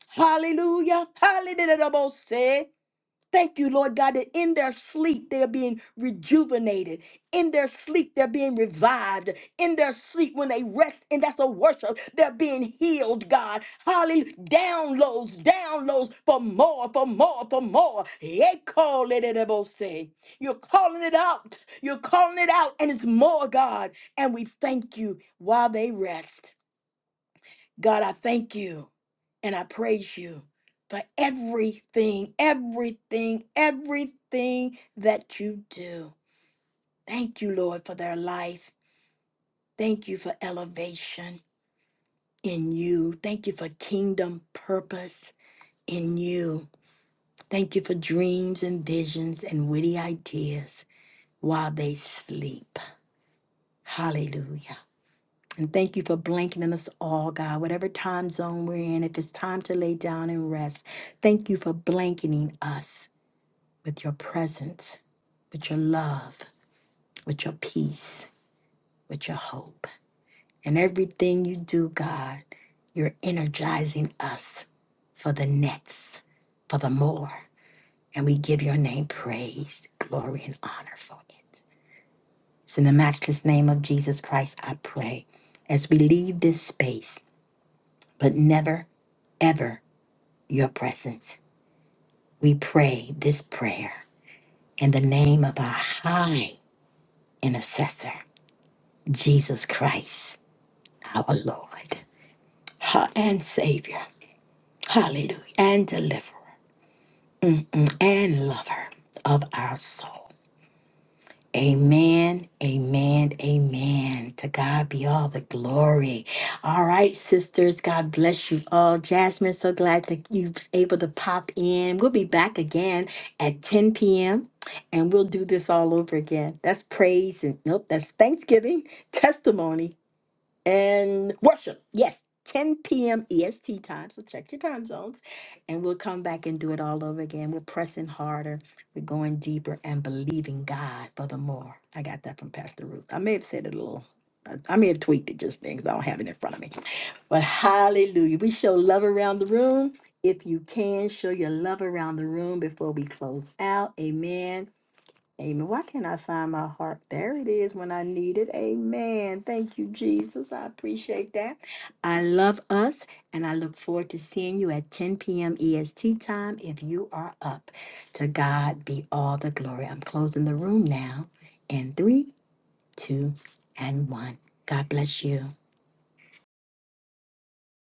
Hallelujah. Hallelujah. Thank you, Lord God, that in their sleep they're being rejuvenated. In their sleep they're being revived. In their sleep when they rest, and that's a worship, they're being healed, God. Hallelujah. Downloads, downloads for more, for more, for more. Yeah, call it it will say. You're calling it out. You're calling it out, and it's more, God. And we thank you while they rest. God, I thank you and I praise you for everything, everything, everything that you do. Thank you, Lord, for their life. Thank you for elevation in you. Thank you for kingdom purpose in you. Thank you for dreams and visions and witty ideas while they sleep. Hallelujah. And thank you for blanketing us all, God, whatever time zone we're in, if it's time to lay down and rest. Thank you for blanketing us with your presence, with your love, with your peace, with your hope. And everything you do, God, you're energizing us for the next, for the more. And we give your name praise, glory, and honor for it. It's in the matchless name of Jesus Christ, I pray, as we leave this space, but never ever your presence. We pray this prayer in the name of our high intercessor, Jesus Christ, our Lord ha- and Savior, hallelujah, and deliverer mm, mm, and lover of our soul. Amen, amen, amen. To God be all the glory. All right, sisters, God bless you all. Jasmine, so glad that you was able to pop in. We'll be back again at 10 p.m. and we'll do this all over again. That's praise and nope, that's Thanksgiving testimony and worship. Yes, 10 p.m. EST time. So check your time zones. And we'll come back and do it all over again. We're pressing harder, we're going deeper, and believing God for the more. I got that from Pastor Ruth. I may have said it a little. I I may have tweaked it just then because I don't have it in front of me. But hallelujah. We show love around the room. If you can, show your love around the room before we close out. Amen. Amen. Why can't I find my heart? There it is when I need it. Amen. Thank you, Jesus. I appreciate that. I love us, and I look forward to seeing you at 10 p.m. EST time if you are up. To God be all the glory. I'm closing the room now in three, two, and one. God bless you.